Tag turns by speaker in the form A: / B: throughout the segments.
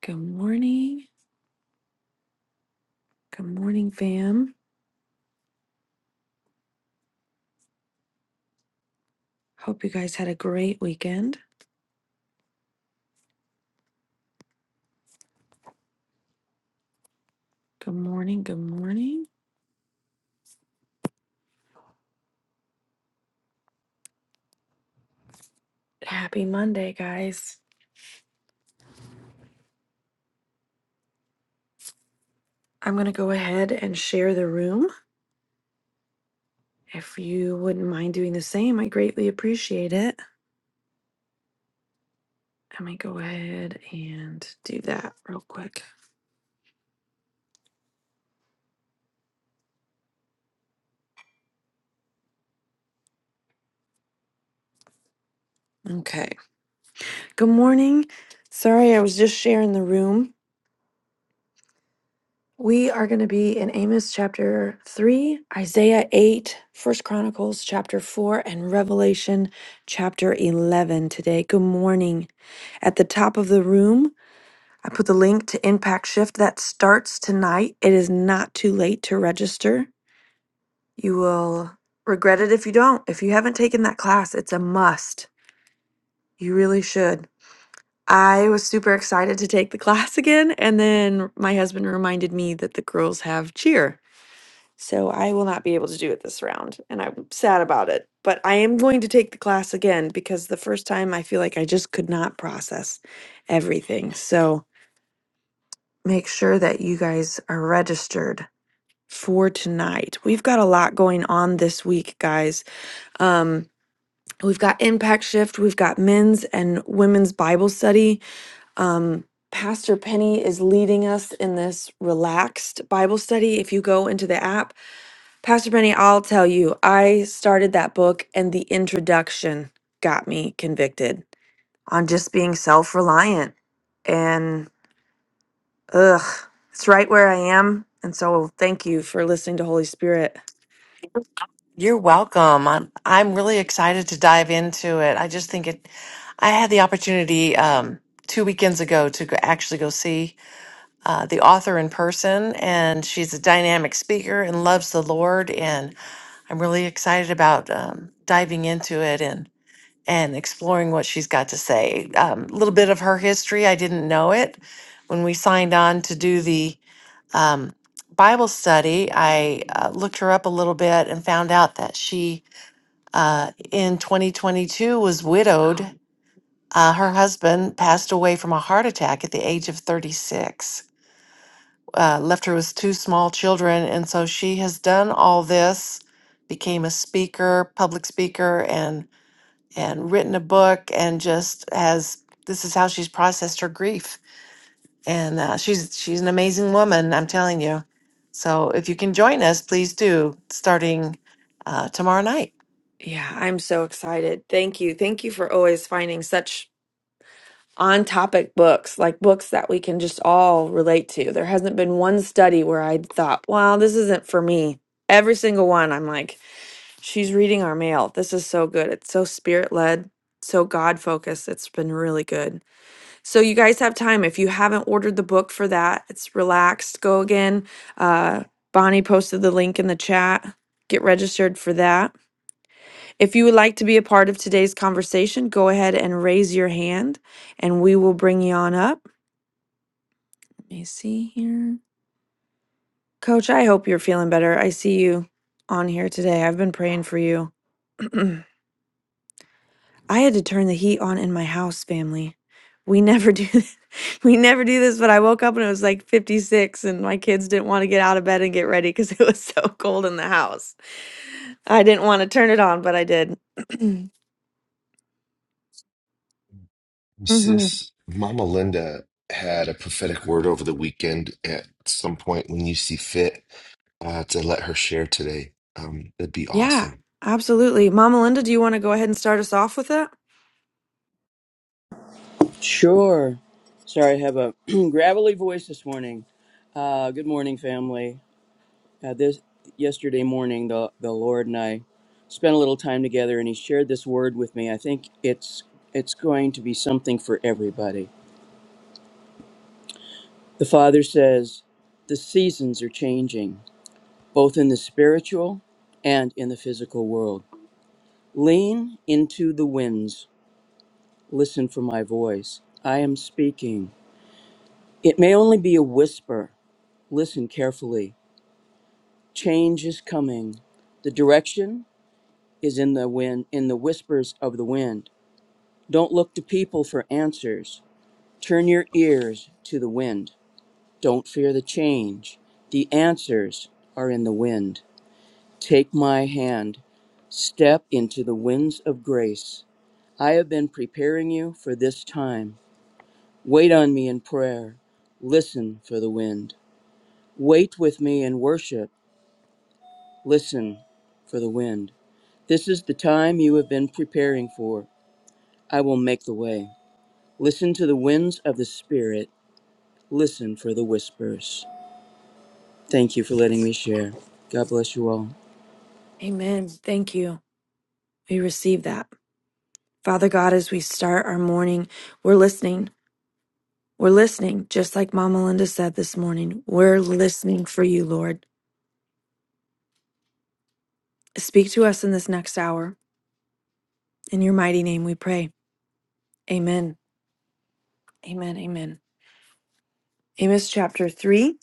A: Good morning. Good morning, fam. Hope you guys had a great weekend. Good morning. Good morning. Happy Monday, guys. I'm going to go ahead and share the room. If you wouldn't mind doing the same, I greatly appreciate it. Let me go ahead and do that real quick. Okay. Good morning. Sorry, I was just sharing the room. We are going to be in Amos chapter 3, Isaiah 8, First Chronicles chapter 4, and Revelation chapter 11 today. Good morning. At the top of the room, I put the link to Impact Shift that starts tonight. It is not too late to register. You will regret it if you don't. If you haven't taken that class, it's a must. You really should. I was super excited to take the class again, and then my husband reminded me that the girls have cheer. So I will not be able to do it this round, and I'm sad about it. But I am going to take the class again because the first time I feel like I just could not process everything. So make sure that you guys are registered for tonight. We've got a lot going on this week, guys. Um, we've got Impact Shift, we've got men's and women's Bible study. Um, Pastor Penny is leading us in this relaxed Bible study. If you go into the app, Pastor Benny, I'll tell you, I started that book and the introduction got me convicted on just being self reliant. And ugh, it's right where I am. And so thank you for listening to Holy Spirit.
B: You're welcome. I'm I'm really excited to dive into it. I just think it. I had the opportunity um, two weekends ago to go, actually go see uh, the author in person, and she's a dynamic speaker and loves the Lord. And I'm really excited about um, diving into it and and exploring what she's got to say. Um, A little bit of her history. I didn't know it when we signed on to do the um, Bible study. I uh, looked her up a little bit and found out that she uh, in 2022 was
A: Wow.
B: widowed. Uh, her husband passed away from a heart attack at the age of 36, uh, left her with two small children. And so she has done all this, became a speaker, public speaker, and, and written a book, and just has this is how she's processed her grief. And uh, she's, she's an amazing woman, I'm telling you. So if you can join us, please do, starting uh, tomorrow night.
A: Yeah, I'm so excited. Thank you. Thank you for always finding such on topic books, like books that we can just all relate to. There hasn't been one study where I thought, wow, this isn't for me. Every single one, I'm like, She's reading our mail. This is so good. It's so spirit led, so God focused. It's been really good. So, you guys have time. If you haven't ordered the book for that, it's relaxed. Go again. Uh, Bonnie posted the link in the chat. Get registered for that. If you would like to be a part of today's conversation, go ahead and raise your hand and we will bring you on up. Let me see here. Coach, I hope you're feeling better. I see you on here today. I've been praying for you. I had to turn the heat on in my house, family. We never do that. we never do this, but I woke up and it was like 56 and my kids didn't want to get out of bed and get ready cuz it was so cold in the house. I didn't want to turn it on, but I did. hmm
C: Sis, Mama Linda had a prophetic word over the weekend at some point when you see fit uh, to let her share today. Um, that'd be
A: Yeah,
C: awesome.
A: absolutely. Mama Linda, do you want to go ahead and start us off with that?
D: Sure. Sorry, I have a gravelly voice this morning. Uh, good morning, family. Uh, this yesterday morning, the the Lord and I spent a little time together, and He shared this word with me. I think it's it's going to be something for everybody. The Father says the seasons are changing, both in the spiritual and in the physical world. Lean into the winds. Listen for my voice. I am speaking. It may only be a whisper. Listen carefully Change is coming. The direction is in the wind, in the whispers of the wind. Don't look to people for answers. Turn your ears to the wind. Don't fear the change. The answers are in the wind. Take my hand. Step into the winds of grace. I have been preparing you for this time. Wait on me in prayer. Listen for the wind. Wait with me in worship. Listen for the wind. This is the time you have been preparing for. I will make the way. Listen to the winds of the Spirit. Listen for the whispers. Thank you for letting me share. God bless you all.
A: Amen. Thank you. We receive that. Father God, as we start our morning, we're listening. We're listening, just like Mama Linda said this morning. We're listening for you, Lord. Speak to us in this next hour. In your mighty name we pray. Amen. Amen. Amen. Amos chapter 3.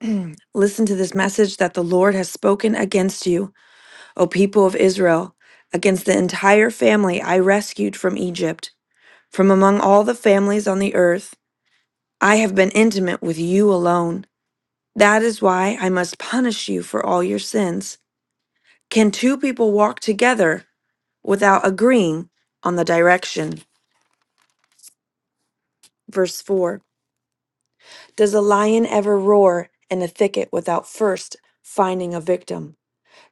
A: Listen to this message that the Lord has spoken against you, O people of Israel, against the entire family I rescued from Egypt. From among all the families on the earth, I have been intimate with you alone. That is why I must punish you for all your sins. Can two people walk together without agreeing on the direction? Verse 4. Does a lion ever roar in a thicket without first finding a victim?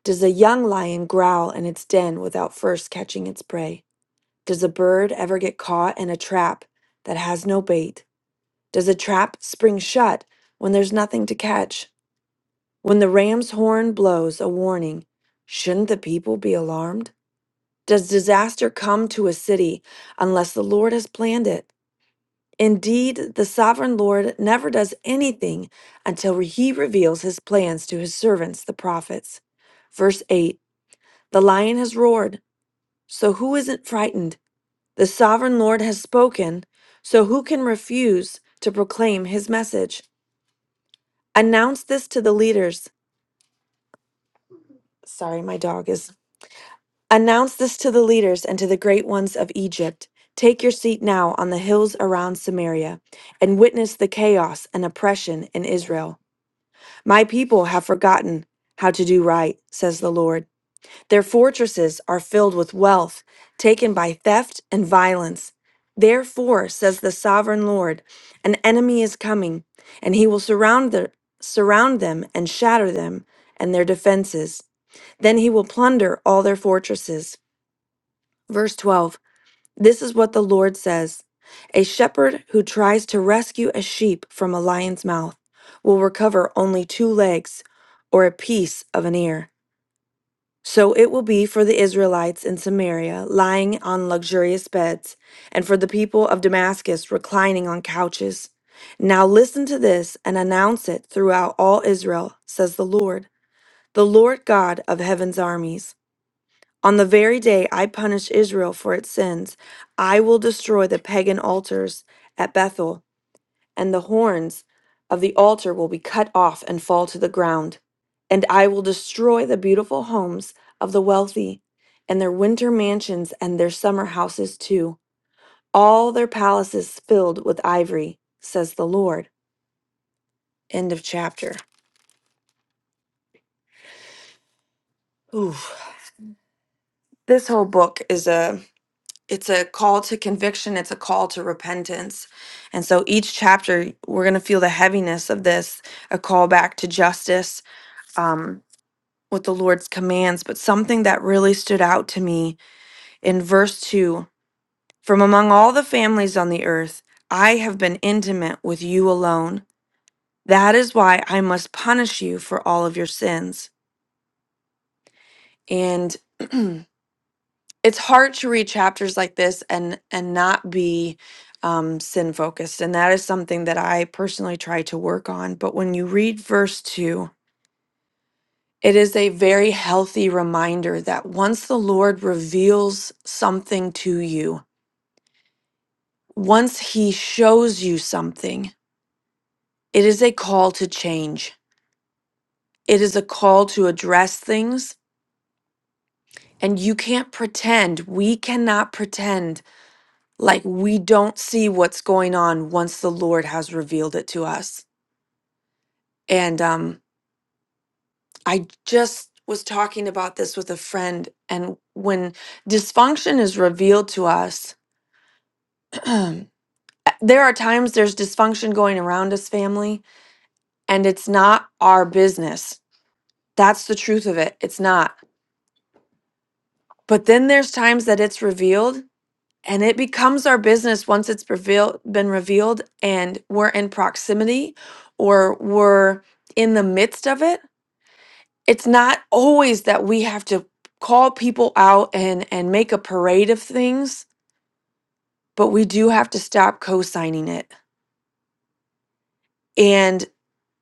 A: Does a young lion growl in its den without first catching its prey? Does a bird ever get caught in a trap that has no bait? Does a trap spring shut when there's nothing to catch? When the ram's horn blows a warning, shouldn't the people be alarmed? Does disaster come to a city unless the Lord has planned it? Indeed, the sovereign Lord never does anything until he reveals his plans to his servants, the prophets. Verse 8 The lion has roared, so who isn't frightened? The sovereign Lord has spoken, so who can refuse to proclaim his message? Announce this to the leaders. Sorry, my dog is. Announce this to the leaders and to the great ones of Egypt. Take your seat now on the hills around Samaria and witness the chaos and oppression in Israel. My people have forgotten how to do right, says the Lord. Their fortresses are filled with wealth, taken by theft and violence. Therefore, says the sovereign Lord, an enemy is coming, and he will surround, the, surround them and shatter them and their defenses. Then he will plunder all their fortresses. Verse 12. This is what the Lord says A shepherd who tries to rescue a sheep from a lion's mouth will recover only two legs or a piece of an ear. So it will be for the Israelites in Samaria lying on luxurious beds, and for the people of Damascus reclining on couches. Now listen to this and announce it throughout all Israel, says the Lord, the Lord God of heaven's armies. On the very day I punish Israel for its sins, I will destroy the pagan altars at Bethel, and the horns of the altar will be cut off and fall to the ground. And I will destroy the beautiful homes of the wealthy, and their winter mansions and their summer houses too, all their palaces filled with ivory, says the Lord. End of chapter. Oof. This whole book is a it's a call to conviction it's a call to repentance and so each chapter we're going to feel the heaviness of this a call back to justice um, with the lord's commands but something that really stood out to me in verse 2 from among all the families on the earth i have been intimate with you alone that is why i must punish you for all of your sins and it's hard to read chapters like this and and not be um, sin focused and that is something that i personally try to work on but when you read verse 2 it is a very healthy reminder that once the lord reveals something to you once he shows you something it is a call to change it is a call to address things and you can't pretend we cannot pretend like we don't see what's going on once the lord has revealed it to us and um i just was talking about this with a friend and when dysfunction is revealed to us there are times there's dysfunction going around us family and it's not our business that's the truth of it it's not but then there's times that it's revealed and it becomes our business once it's revealed been revealed and we're in proximity or we're in the midst of it it's not always that we have to call people out and and make a parade of things but we do have to stop co-signing it And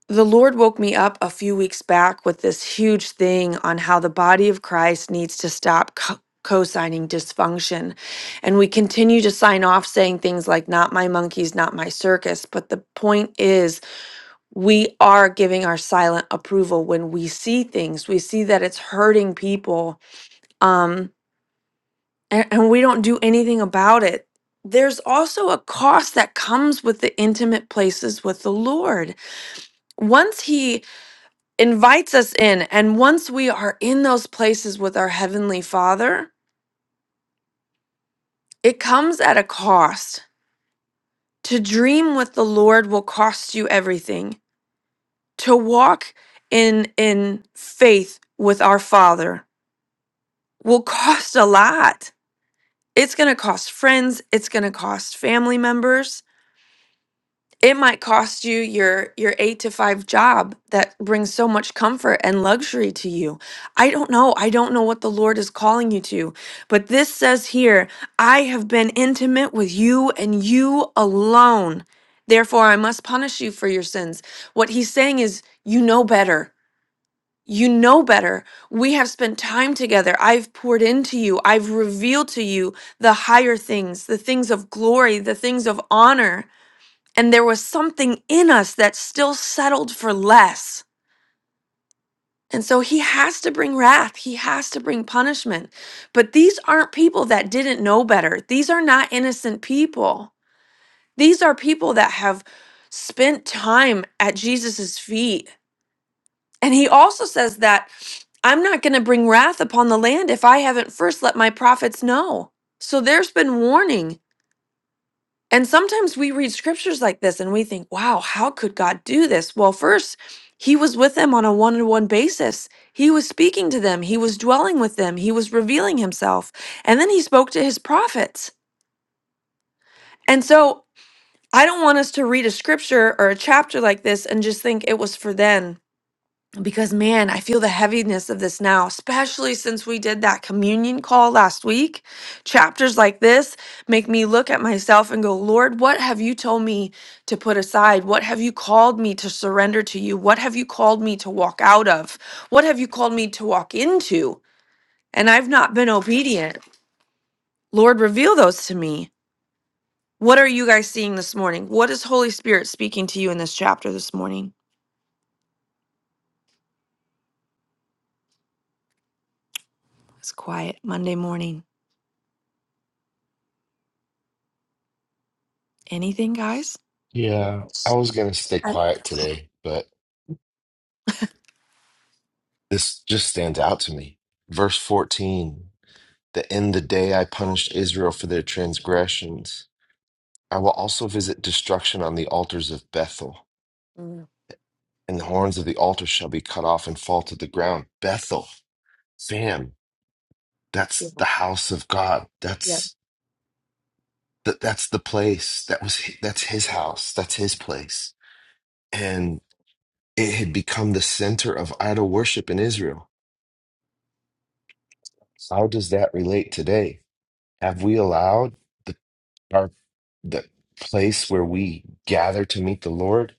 A: The Lord woke me up a few weeks back with this huge thing on how the body of Christ needs to stop co signing dysfunction. And we continue to sign off saying things like, not my monkeys, not my circus. But the point is, we are giving our silent approval when we see things. We see that it's hurting people, um, and, and we don't do anything about it. There's also a cost that comes with the intimate places with the Lord once he invites us in. And once we are in those places with our Heavenly Father, it comes at a cost. To dream with the Lord will cost you everything. To walk in in faith with our Father will cost a lot. It's going to cost friends, it's going to cost family members, it might cost you your your 8 to 5 job that brings so much comfort and luxury to you. I don't know. I don't know what the Lord is calling you to. But this says here, I have been intimate with you and you alone. Therefore I must punish you for your sins. What he's saying is you know better. You know better. We have spent time together. I've poured into you. I've revealed to you the higher things, the things of glory, the things of honor and there was something in us that still settled for less. And so he has to bring wrath, he has to bring punishment. But these aren't people that didn't know better. These are not innocent people. These are people that have spent time at Jesus' feet. And he also says that I'm not going to bring wrath upon the land if I haven't first let my prophets know. So there's been warning And sometimes we read scriptures like this and we think, wow, how could God do this? Well, first, he was with them on a one on one basis. He was speaking to them, he was dwelling with them, he was revealing himself. And then he spoke to his prophets. And so I don't want us to read a scripture or a chapter like this and just think it was for then because man, I feel the heaviness of this now, especially since we did that communion call last week. Chapters like this make me look at myself and go, Lord, what have you told me to put aside? What have you called me to surrender to you? What have you called me to walk out of? What have you called me to walk into? And I've not been obedient. Lord, reveal those to me. What are you guys seeing this morning? What is Holy Spirit speaking to you in this chapter this morning? It's quiet Monday morning. Anything, guys?
C: Yeah, I was going to stay
E: I,
C: quiet today, but this just stands out to me. Verse 14, that in the day I punished Israel for their transgressions, I will also visit destruction on the altars of Bethel,
A: Mm,
C: and the horns of the altar shall be cut off and fall to the ground. Bethel, fam,
A: yeah,
C: that's the house of God.
A: yeah.
C: That's that that's the place that was hi- that's his house that's his place and it had become the center of idol worship in israel how does that relate today have we allowed the our the place where we gather to meet the lord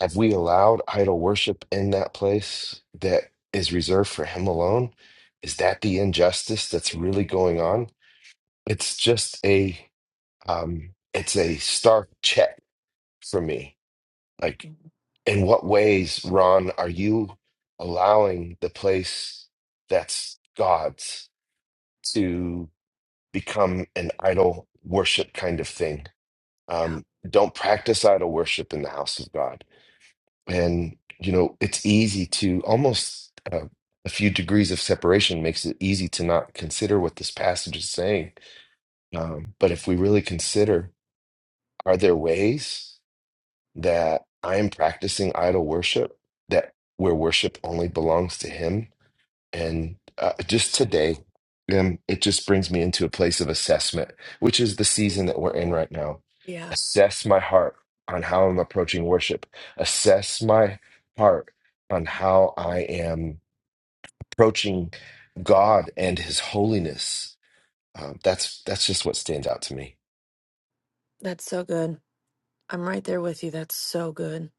C: have we allowed idol worship in that place that is reserved for him alone is that the injustice that's really going on it's just a um it's a stark check for me like In what ways, Ron, are you allowing the place that's God's to become an idol worship kind of thing?
A: yeah.
C: Um, don't practice idol worship in the house of God. And, you know, it's easy to almost uh, a few degrees of separation makes it easy to not consider what this passage is saying. Um, but if we really consider, are there ways? that I am practicing idol worship, that where worship only belongs to Him. And uh, just today, um, it just brings me into a place of assessment, which is the season that we're in right now.
A: Yeah,
C: Assess my heart on how I'm approaching worship, assess my heart on how I am approaching God and His holiness. Um, that's that's just what stands out to me.
A: that's so good. I'm right there with you. That's so good.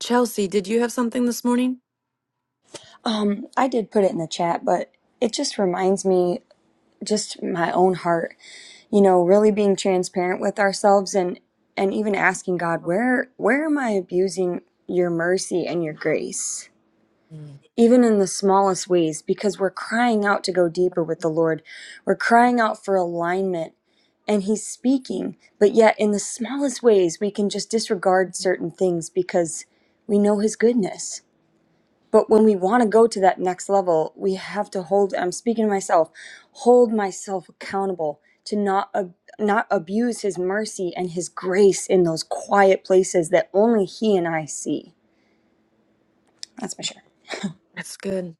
A: Chelsea, did you have something this morning?
E: um, I did put it in the chat, but it just reminds me, just my own heart, you know, really being transparent with ourselves and and even asking God, where where am I abusing your mercy and your grace?
A: Mm.
E: Even in the smallest ways, because we're crying out to go deeper with the Lord. We're crying out for alignment and He's speaking. But yet, in the smallest ways, we can just disregard certain things because we know His goodness But when we want to go to that next level, we have to hold. I'm speaking to myself. Hold myself accountable to not ab- not abuse His mercy and His grace in those quiet places that only He and I see. That's my share.
A: That's good.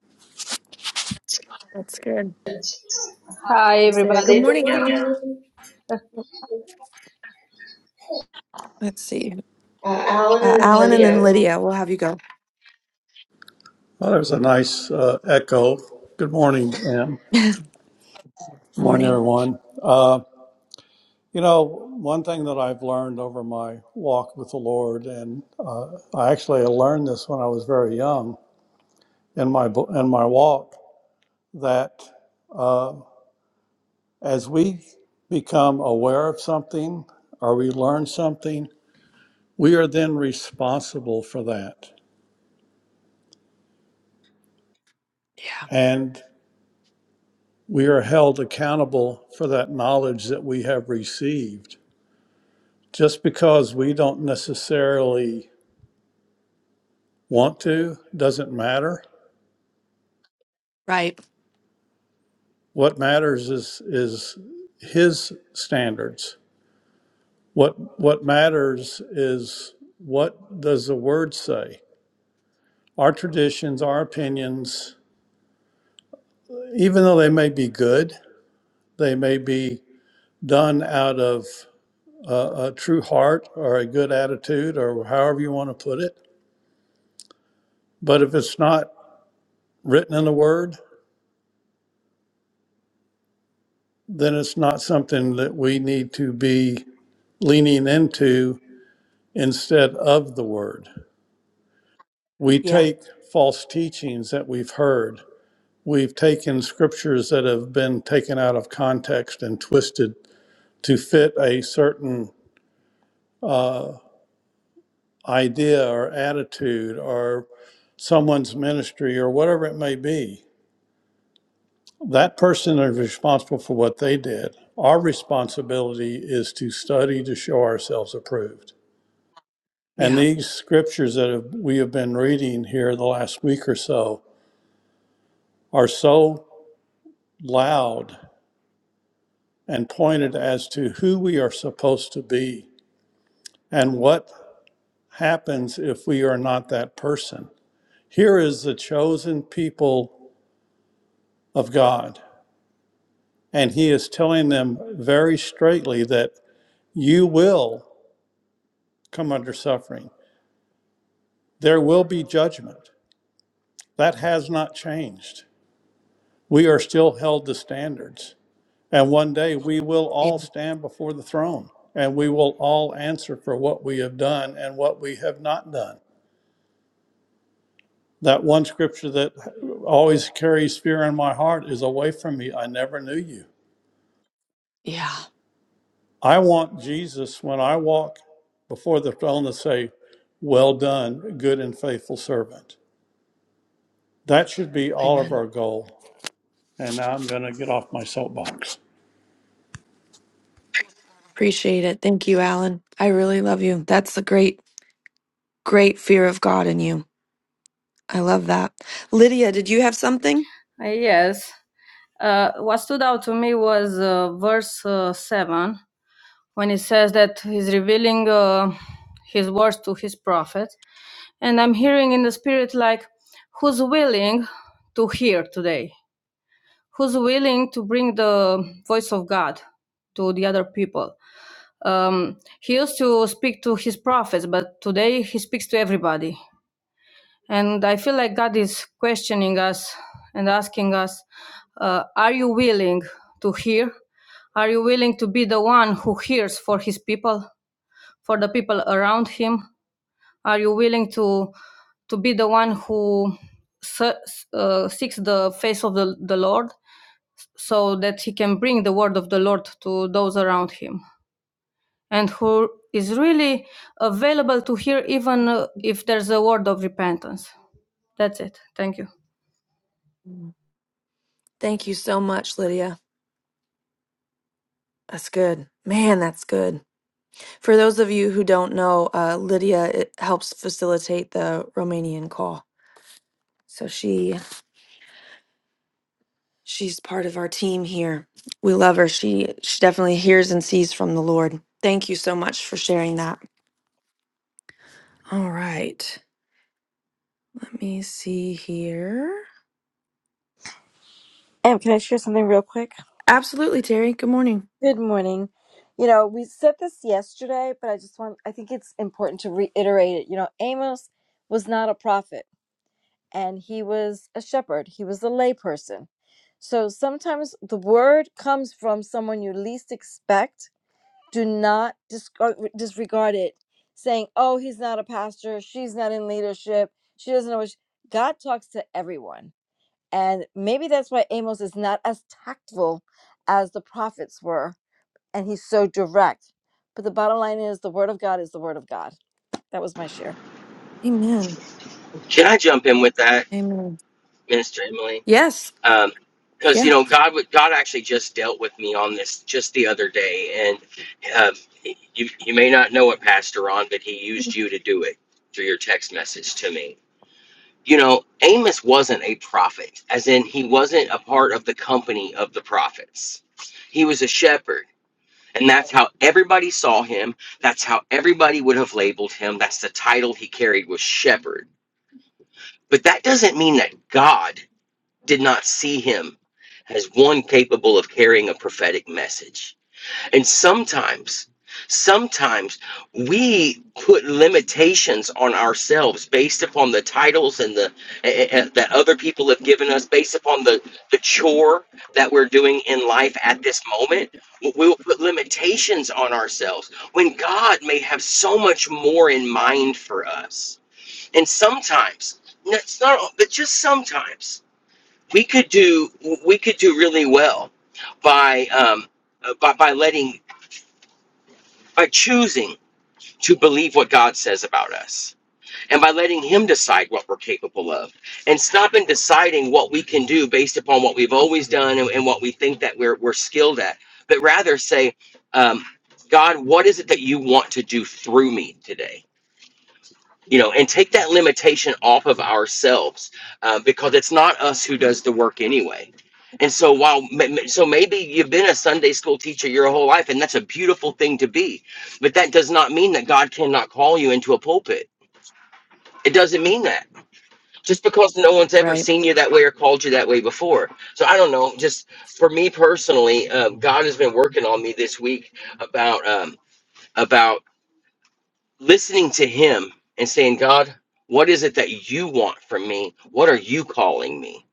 A: That's good.
F: Hi,
A: He's there. Good
F: everybody. Good
A: morning,
F: morning,
A: Alan.
F: Alan.
A: Let's see.
F: Uh, Alan
A: Uh,
F: and then
A: Alan and then
F: Lydia.
A: Lydia. We'll have you go.
G: Well, there's a nice uh, echo. Good morning, Pam. Good morning,
A: morning.
G: everyone. Uh, you know, one thing that I've learned over my walk with the Lord, and uh, I actually learned this when I was very young in my bo- in my walk, that uh, as we become aware of something or we learn something, we are then responsible for that,
A: Yeah.
G: and we are held accountable for that knowledge that we have received. Just because we don't necessarily want to doesn't matter.
A: Right.
G: What matters is is his standards. What what matters is what does the word say? Our traditions, our opinions, even though they may be good, they may be done out of a, a true heart or a good attitude or however you want to put it. But if it's not written in the word, then it's not something that we need to be leaning into instead of the word. We
A: Yeah.
G: take false teachings that we've heard, we've taken scriptures that have been taken out of context and twisted to fit a certain uh, idea or attitude or someone's ministry or whatever it may be. That person is responsible for what they did. Our responsibility is to study to show ourselves approved. And
A: Yeah.
G: these scriptures that have, we have been reading here the last week or so are so loud and pointed as to who we are supposed to be and what happens if we are not that person. Here is the chosen people of God, and He is telling them very straightly that you will come under suffering, there will be judgment. That has not changed. We are still held to standards. And one day we will
A: Yeah.
G: all stand before the throne and we will all answer for what we have done and what we have not done. That one scripture that always carries fear in my heart is away from me. I never knew you.
A: Yeah.
G: I want Jesus when I walk before the throne to say, Well done, good and faithful servant. That should be all of
A: Amen.
G: our goal. And now I'm going to get off my soapbox.
A: Appreciate it. Thank you, Alan. I really love you. That's the great, great fear of God in you. I love that. Lydia, did you have something?
F: Uh, yes. Uh, what stood out to me was uh, verse uh, 7 when it says that he's revealing uh, his words to his prophet. And I'm hearing in the spirit, like, who's willing to hear today? Who's willing to bring the voice of God to the other people? Um, he used to speak to his prophets, but today he speaks to everybody. And I feel like God is questioning us and asking us, uh, Are you willing to hear? Are you willing to be the one who hears for his people, for the people around him? Are you willing to, to be the one who se- uh, seeks the face of the, the Lord so that he can bring the word of the Lord to those around him? And who is really available to hear, even uh, if there's a word of repentance. That's it. Thank you.
A: Thank you so much, Lydia. That's good. Man, that's good. For those of you who don't know, uh, Lydia it helps facilitate the Romanian call. So she she's part of our team here. We love her. She she definitely hears and sees from the Lord. Thank you so much for sharing that. All right. Let me see here.
H: Em, can I share something real quick?
A: Absolutely, Terry. Good morning.
H: Good morning. You know, we said this yesterday, but I just want, I think it's important to reiterate it. You know, Amos was not a prophet and he was a shepherd, he was a layperson. So sometimes the word comes from someone you least expect. Do not discard, disregard it, saying, oh, he's not a pastor, she's not in leadership, she doesn't know what she-" God talks to everyone And maybe that's why Amos is not as tactful as the prophets were, and he's so direct. But the bottom line is the word of God is the word of God. That was my share.
A: Amen.
I: Can I jump in with that,
A: Amen.
I: Minister Emily?
A: Yes.
I: Um, Because you
A: Yeah.
I: know, God, would- God actually just dealt with me on this just the other day, and um, you you may not know it, Pastor Ron, but He used you to do it through your text message to me. You know, Amos wasn't a prophet, as in he wasn't a part of the company of the prophets. He was a shepherd, and that's how everybody saw him. That's how everybody would have labeled him. That's the title he carried was shepherd. But that doesn't mean that God did not see him as one capable of carrying a prophetic message. And sometimes, sometimes we put limitations on ourselves based upon the titles and the eh, eh, eh, that other people have given us, based upon the the chore that we're doing in life at this moment. We will put limitations on ourselves when God may have so much more in mind for us. And sometimes, it's not, but just sometimes we could do we could do really well by um, uh, by by letting by choosing to believe what God says about us and by letting him decide what we're capable of and stopping deciding what we can do based upon what we've always done and, and what we think that we're, we're skilled at but rather say um, God what is it that you want to do through me today you know and take that limitation off of ourselves uh, because it's not us who does the work anyway and so while so maybe you've been a sunday school teacher your whole life and that's a beautiful thing to be but that does not mean that god cannot call you into a pulpit it doesn't mean that just because no one's ever
A: Right.
I: seen you that way or called you that way before so i don't know just for me personally uh, god has been working on me this week about um, about listening to him and saying, God, what is it that you want from me? What are you calling me?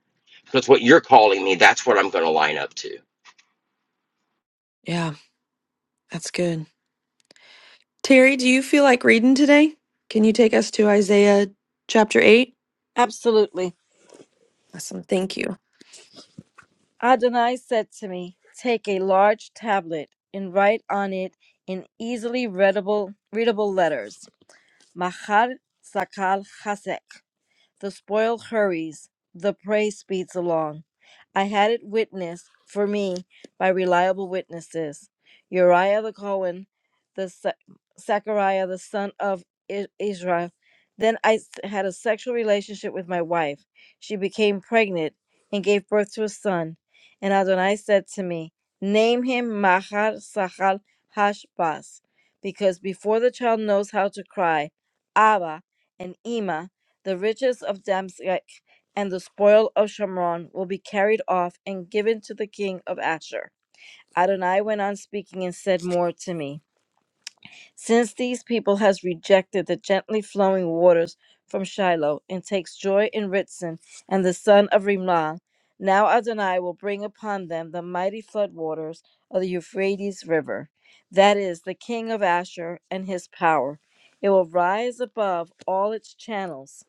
I: Because what you're calling me, that's what I'm going to line up to.
A: Yeah. That's good. Terry, do you feel like reading today? Can you take us to Isaiah chapter 8?
H: Absolutely.
A: Awesome. Thank you.
H: Adonai said to me, Take a large tablet and write on it in easily readable readable letters. Machar Sakal Chasek." The spoil hurries, the prey speeds along. I had it witnessed for me by reliable witnesses Uriah the Cohen, the Sa- Zechariah the son of I- Israel. Then I s- had a sexual relationship with my wife. She became pregnant and gave birth to a son. And Adonai said to me, Name him Mahar Sahal Hashbaz, because before the child knows how to cry, Abba and Ima the riches of Damascus and the spoil of Shomron will be carried off and given to the king of Asher. Adonai went on speaking and said more to me. Since these people has rejected the gently flowing waters from Shiloh and takes joy in Ritson and the son of Rimlah, now Adonai will bring upon them the mighty floodwaters of the Euphrates River, that is, the king of Asher and his power. It will rise above all its channels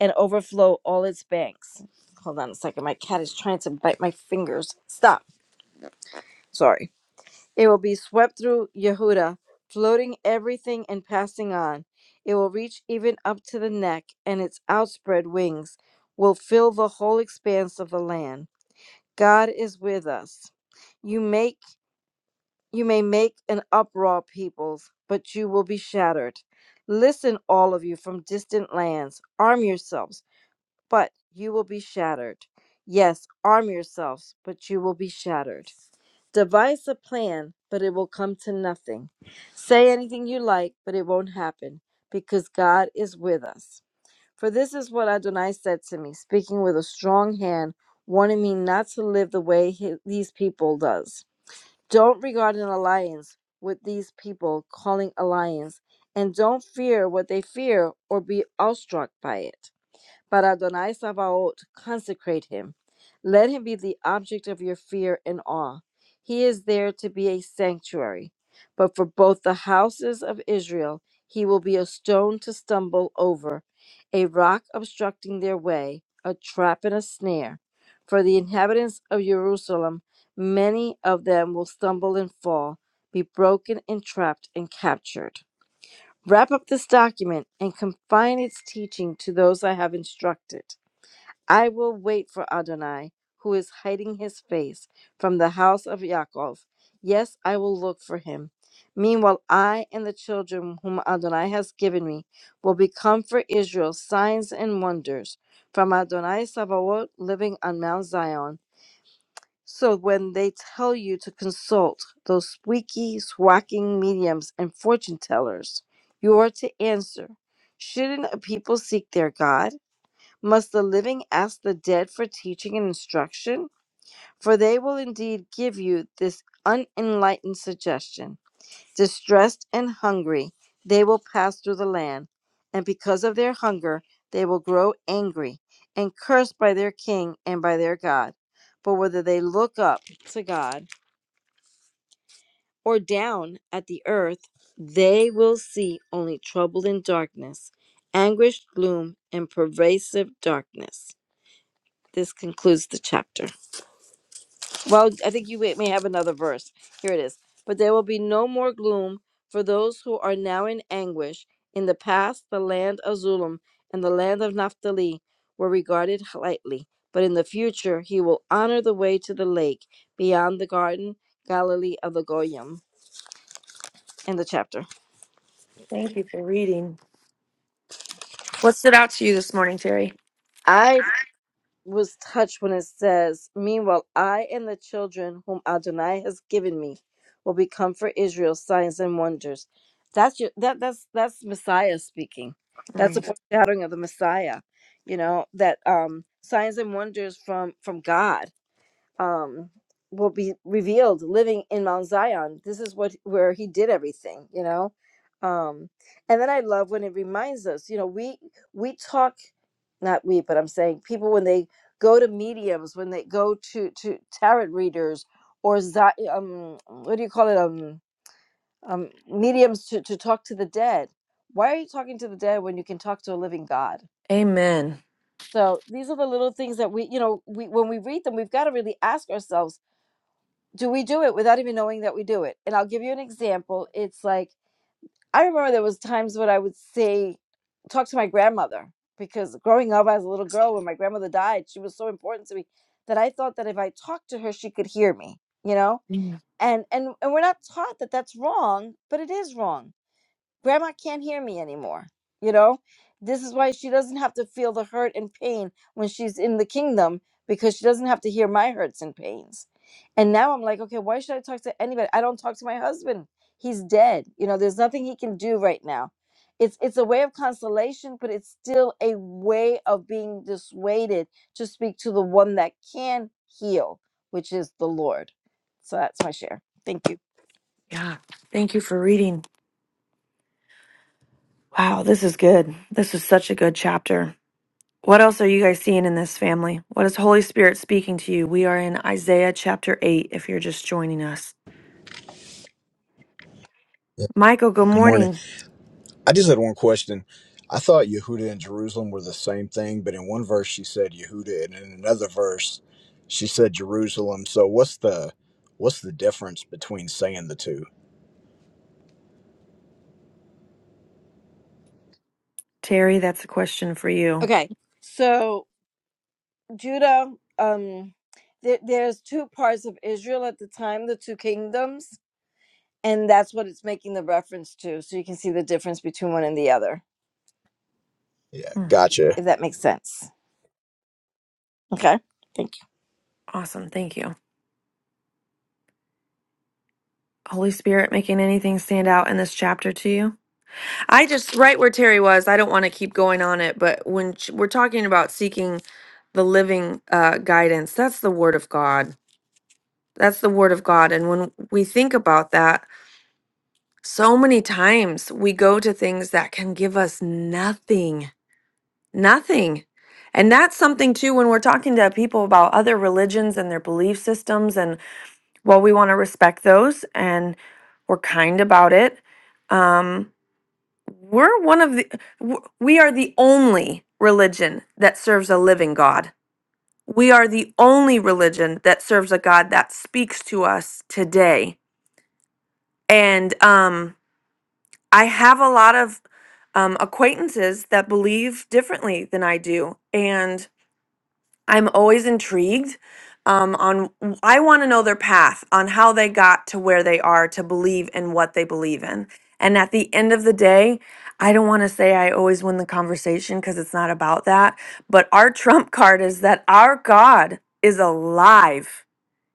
H: and overflow all its banks. Hold on a second. My cat is trying to bite my fingers. Stop. Sorry. It will be swept through Yehuda, floating everything and passing on. It will reach even up to the neck, and its outspread wings will fill the whole expanse of the land. God is with us. You make you may make an uproar, peoples, but you will be shattered. Listen, all of you from distant lands. Arm yourselves but you will be shattered. Yes, arm yourselves, but you will be shattered. Devise a plan, but it will come to nothing. Say anything you like, but it won't happen, because God is with us. For this is what Adonai said to me, speaking with a strong hand, warning me not to live the way he- these people does. Don't regard an alliance with these people calling alliance, and don't fear what they fear or be awestruck by it. But Adonai Sabaoth, consecrate him. Let him be the object of your fear and awe. He is there to be a sanctuary. But for both the houses of Israel, he will be a stone to stumble over, a rock obstructing their way, a trap and a snare. For the inhabitants of Jerusalem, many of them will stumble and fall, be broken and trapped and captured. Wrap up this document and confine its teaching to those I have instructed. I will wait for Adonai, who is hiding his face from the house of Yaakov. Yes, I will look for him. Meanwhile, I and the children whom Adonai has given me will become for Israel signs and wonders from Adonai Sabaoth living on Mount Zion. So when they tell you to consult those squeaky, swacking mediums and fortune tellers, you are to answer Shouldn't a people seek their God? Must the living ask the dead for teaching and instruction? For they will indeed give you this unenlightened suggestion. Distressed and hungry, they will pass through the land, and because of their hunger, they will grow angry and cursed by their king and by their God. But whether they look up to God or down at the earth, they will see only trouble and darkness, anguish, gloom, and pervasive darkness. This concludes the chapter. Well, I think you may may have another verse. Here it is. But there will be no more gloom for those who are now in anguish. In the past, the land of Zulum and the land of Naphtali were regarded lightly, but in the future, he will honor the way to the lake beyond the garden, Galilee of the Goyim. End the chapter.
A: Thank you for reading. What stood out to you this morning, Terry?
H: I. was touched when it says, Meanwhile, I and the children whom Adonai has given me will become for Israel signs and wonders. That's your, that that's that's Messiah speaking. That's a
A: Mm.
H: foreshadowing of the Messiah. You know, that um signs and wonders from from God um will be revealed living in Mount Zion. This is what where he did everything, you know. Um and then I love when it reminds us, you know, we we talk not we, but I'm saying people when they go to mediums, when they go to to tarot readers or zi- um, what do you call it um um mediums to to talk to the dead. Why are you talking to the dead when you can talk to a living God?
A: Amen.
H: So these are the little things that we, you know, we when we read them, we've got to really ask ourselves: Do we do it without even knowing that we do it? And I'll give you an example. It's like I remember there was times when I would say, talk to my grandmother because growing up as a little girl, when my grandmother died, she was so important to me that I thought that if I talked to her, she could hear me. You know,
A: Mm.
H: and and and we're not taught that that's wrong, but it is wrong grandma can't hear me anymore you know this is why she doesn't have to feel the hurt and pain when she's in the kingdom because she doesn't have to hear my hurts and pains and now i'm like okay why should i talk to anybody i don't talk to my husband he's dead you know there's nothing he can do right now it's it's a way of consolation but it's still a way of being dissuaded to speak to the one that can heal which is the lord so that's my share thank you
A: Yeah. Thank you for reading. Wow. This is good. This is such a good chapter. What else are you guys seeing in this family? What is Holy Spirit speaking to you? We are in Isaiah chapter 8 if you're just joining us.
J: Yeah.
A: Michael, good
J: Good morning.
A: morning.
J: I just had one question. I thought Yehuda and Jerusalem were the same thing, but in one verse she said Yehuda, and in another verse she said Jerusalem. So what's the what's the difference between saying the two?
A: Terry, that's a question for you.
H: okay so Judah, um, there, there's two parts of Israel at the time, the two kingdoms, and that's what it's making the reference to. So you can see the difference between one and the other,
J: Yeah,
A: Hmm,
J: gotcha.
H: if that makes sense. Okay, thank
A: Awesome. Thank you. Holy Spirit making anything stand out in this chapter to you? I just, right where Terry was, I don't want to keep going on it, but when sh- we're talking about seeking the living uh, guidance, that's the Word of God. That's the Word of God. And when we think about that, so many times we go to things that can give us nothing, nothing. And that's something too when we're talking to people about other religions and their belief systems well, we want to respect those and we're kind about it. Um, we're one of the, w- we are the only religion that serves a living God. We are the only religion that serves a God that speaks to us today. And um, I have a lot of um, acquaintances that believe differently than I do. And I'm always intrigued um, on I want to know their path on how they got to where they are to believe in what they believe in. And at the end of the day, I don't want to say I always win the conversation because it's not about that. But our trump card is that our God is alive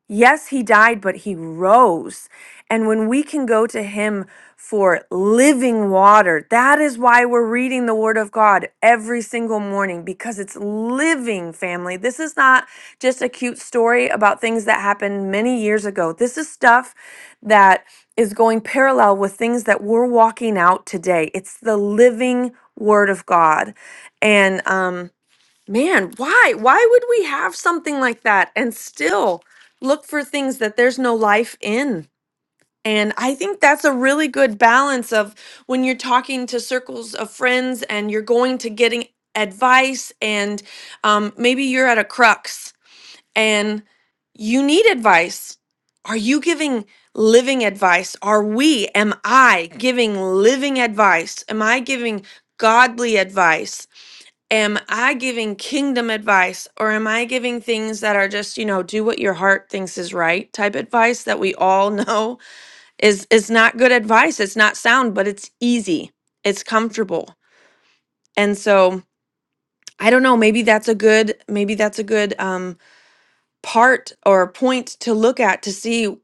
A: Yes, he died, but he rose. And when we can go to him for living water, that is why we're reading the word of God every single morning because it's living, family. This is not just a cute story about things that happened many years ago. This is stuff that is going parallel with things that we're walking out today. It's the living word of God. And, um, Man, why? Why would we have something like that and still look for things that there's no life in? And I think that's a really good balance of when you're talking to circles of friends and you're going to getting advice, and um, maybe you're at a crux and you need advice. Are you giving living advice? Are we, am I giving living advice? Am I giving godly advice? am I giving kingdom advice or am I giving things that are just, you know, do what your heart thinks is right type advice that we all know is is not good advice. It's not sound, but it's easy. It's comfortable. And so, I don't know, maybe that's a good maybe that's a good um part or point to look at to see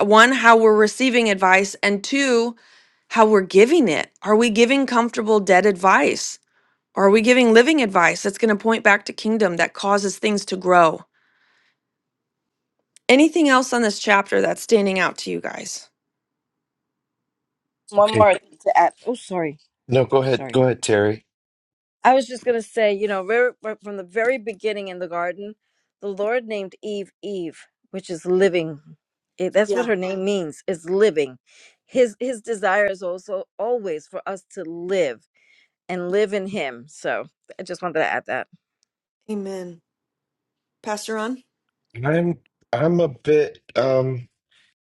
A: one how we're receiving advice and two how we're giving it. Are we giving comfortable dead advice? Are we giving living advice that's going to point back to kingdom that causes things to grow? Anything else on this chapter that's standing out to you guys?
H: you. One
C: Okay,
H: more thing to add. Oh, sorry,
C: no, go ahead,
H: sorry.
C: go ahead, Terry.
H: I was just gonna say, you know, very, right from the very beginning in the garden, the Lord named Eve Eve, which is living. It, that's what
A: Yeah.
H: her name means is living. His His desire is also always for us to live and live in him. So I just wanted to add that.
A: Amen. Pastor on?
C: I'm I'm a bit. um.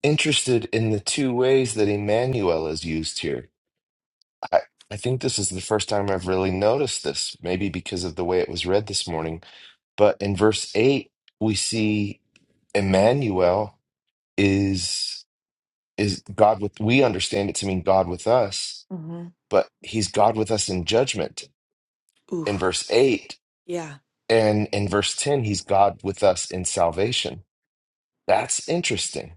C: interested in the two ways that Emmanuel is used here. I, I think this is the first time I've really noticed this, maybe because of the way it was read this morning. But in verse 8, we see Emmanuel is is God with we understand it to mean God with us,
A: Mm-hmm.
C: but he's God with us in judgment
A: Ooh.
C: in verse 8
A: Yeah.
C: and in verse 10 he's God with us in salvation. That's interesting.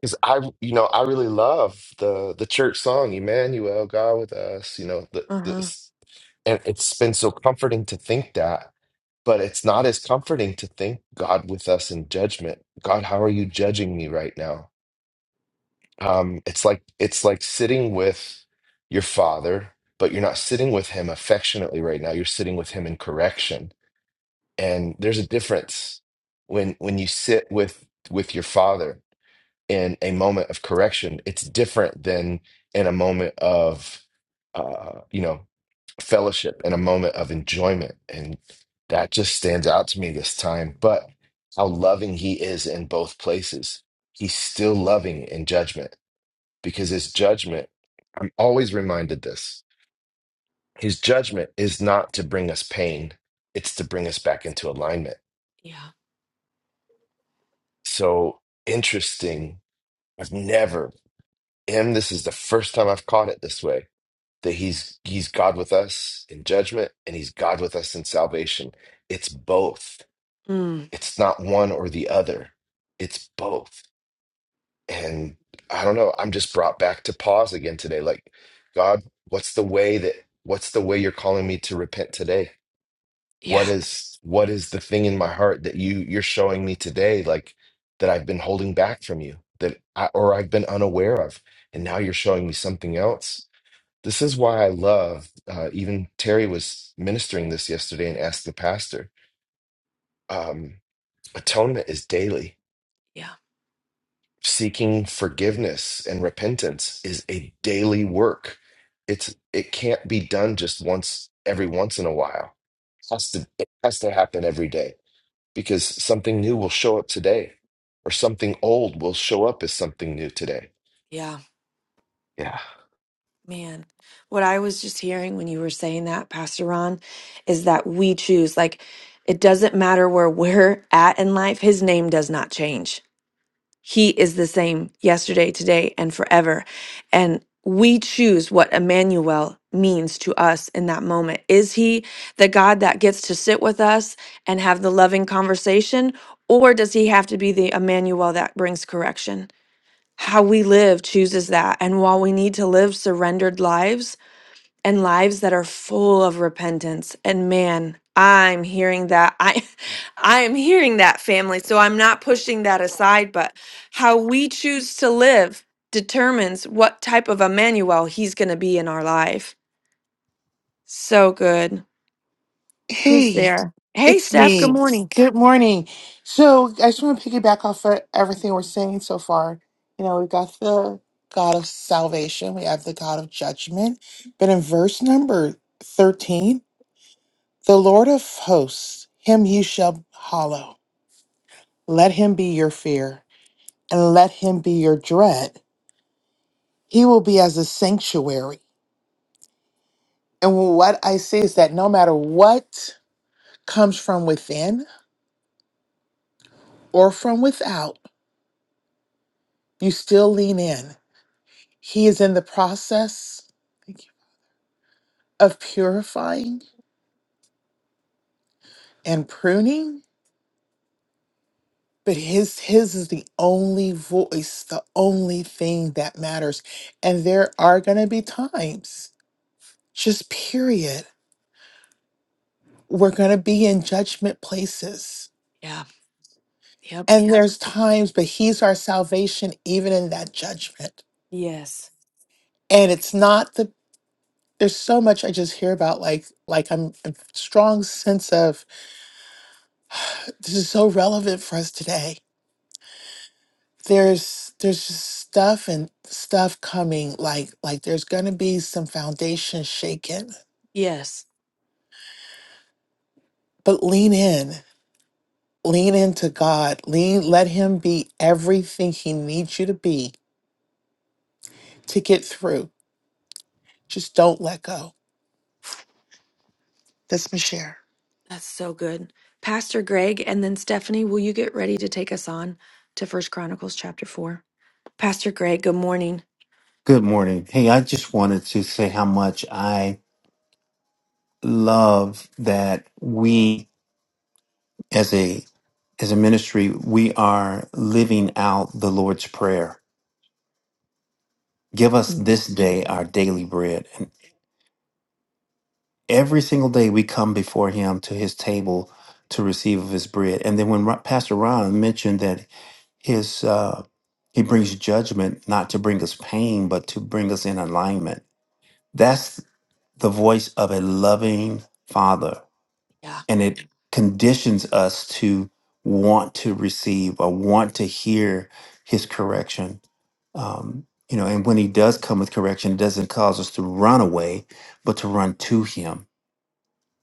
C: Because I, you know, I really love the the church song, Emmanuel, God with us. You know, the,
A: Uh-huh.
C: this, and it's been so comforting to think that, but it's not as comforting to think God with us in judgment. God, how are you judging me right now? Um, it's like it's like sitting with your father, but you're not sitting with him affectionately right now. You're sitting with him in correction, and there's a difference when when you sit with with your father in a moment of correction, it's different than in a moment of, uh, you know, fellowship and a moment of enjoyment. And that just stands out to me this time. But how loving he is in both places. He's still loving in judgment because his judgment, I'm always reminded this, his judgment is not to bring us pain, it's to bring us back into alignment.
A: Yeah.
C: So interesting. I've never, and this is the first time I've caught it this way that he's he's God with us in judgment and he's God with us in salvation. It's both.
A: Mm.
C: It's not one or the other. It's both. And I don't know, I'm just brought back to pause again today. Like, God, what's the way that what's the way you're calling me to repent today?
A: Yeah.
C: What is what is the thing in my heart that you you're showing me today like that I've been holding back from you that I, or I've been unaware of and now you're showing me something else this is why I love, uh, even Terry was ministering this yesterday and asked the pastor, um, atonement is daily.
A: Yeah.
C: Seeking forgiveness and repentance is a daily work. It's it can't be done just once every once in a while. It has to it has to happen every day because something new will show up today, or something old will show up as something new today.
A: Yeah.
C: Yeah.
A: Man, what I was just hearing when you were saying that, Pastor Ron, is that we choose. Like, it doesn't matter where we're at in life, his name does not change. He is the same yesterday, today, and forever. And we choose what Emmanuel means to us in that moment. Is he the God that gets to sit with us and have the loving conversation? Or does he have to be the Emmanuel that brings correction? How we live chooses that. And while we need to live surrendered lives, and lives that are full of repentance and man i'm hearing that i i am hearing that family so i'm not pushing that aside but how we choose to live determines what type of emmanuel he's going to be in our life so good who's
K: Hey,
A: there hey
K: it's
A: steph good
K: me.
A: morning
K: Good morning. So I just want to piggyback off of everything we're saying so far. You know, we've got the God of salvation, we have the God of judgment. But in verse number 13, the Lord of hosts, him you shall hallow. Let him be your fear, and let him be your dread. He will be as a sanctuary. And what I see is that no matter what comes from within or from without, You still lean in. He is in the process thank you, of purifying and pruning, but his his is the only voice, the only thing that matters. And there are going to be times, just period, we're going to be in judgment places.
A: Yeah. Yep.
K: And Yeah. there's times, but he's our salvation even in that judgment.
A: Yes.
K: And it's not the there's so much I just hear about like like I'm a strong sense of this is so relevant for us today there's there's just stuff and stuff coming like like there's going to be some foundation shaken
A: Yes.
K: but lean in lean into god lean let him be everything he needs you to be to get through just don't let go that's my share
A: That's so good. Pastor Greg and then Stephanie, will you get ready to take us on to First Chronicles chapter 4? Pastor Greg, good morning.
L: Good morning. Hey, I just wanted to say how much I love that we as a as a ministry, we are living out the Lord's prayer. Give us
A: Mhm.
L: this day our daily bread. And every single day we come before him to his table to receive of his bread. And then when Ro- Pastor Ron mentioned that his uh he brings judgment not to bring us pain but to bring us in alignment that's the voice of a loving father
A: Yeah.
L: and it conditions us to want to receive or want to hear his correction um, you know and when he does come with correction it doesn't cause us to run away but to run to him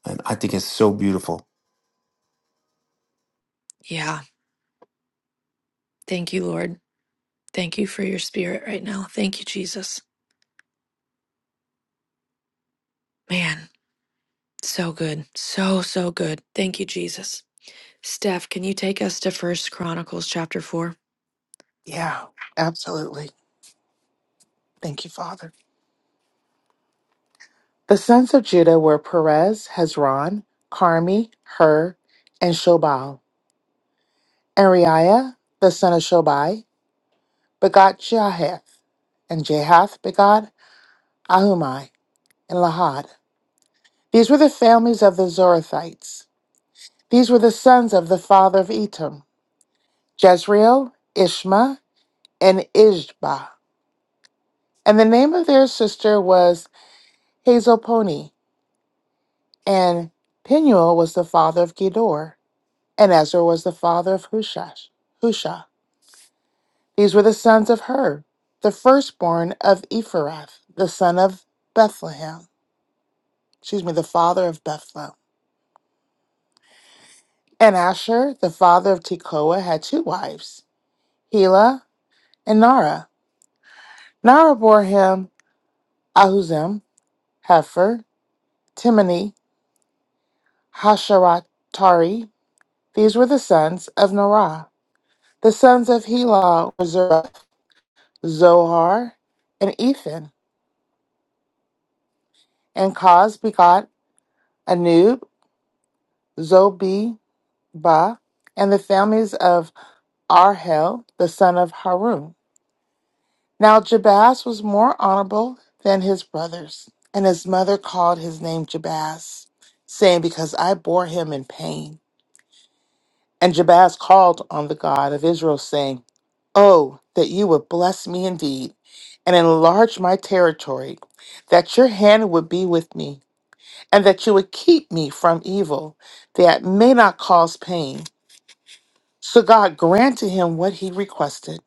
L: and i think it's so beautiful
A: Yeah. Thank you, Lord. Thank you for your spirit right now. Thank you, Jesus. Man. So good. So, so good. Thank you, Jesus. Steph, can you take us to First Chronicles chapter 4?
K: yeah absolutely thank you father the sons of judah were perez hezron carmi hur and shobal and Reiah the son of shobai begot jahath and jahath begot Ahumai, and Lahad. These were the families of the Zorathites. These were the sons of the father of Etam, Jezreel, Ishma, and Ishba. And the name of their sister was Hazelponi, and Penuel was the father of Gedor, and Ezra was the father of Hushash, Husha. These were the sons of Hur, the firstborn of Ephrath, the son of Bethlehem, excuse me, the father of Bethlehem. And Asher, the father of Tekoa, had two wives. Helah, and Nara. Nara bore him Ahuzim, Hefer, Timni, Hasharatari. These were the sons of Nara. The sons of Helah were Zerah, Zohar, and Ethan. And Koz begot Anub, Zobeba, and the families of Arhel, the son of Harun. Now Jabaz was more honorable than his brothers, and his mother called his name Jabaz, saying, Because I bore him in pain. And Jabaz called on the God of Israel, saying, Oh, that you would bless me indeed, and enlarge my territory, that your hand would be with me, and that you would keep me from evil, that may not cause pain. So God granted him what he requested.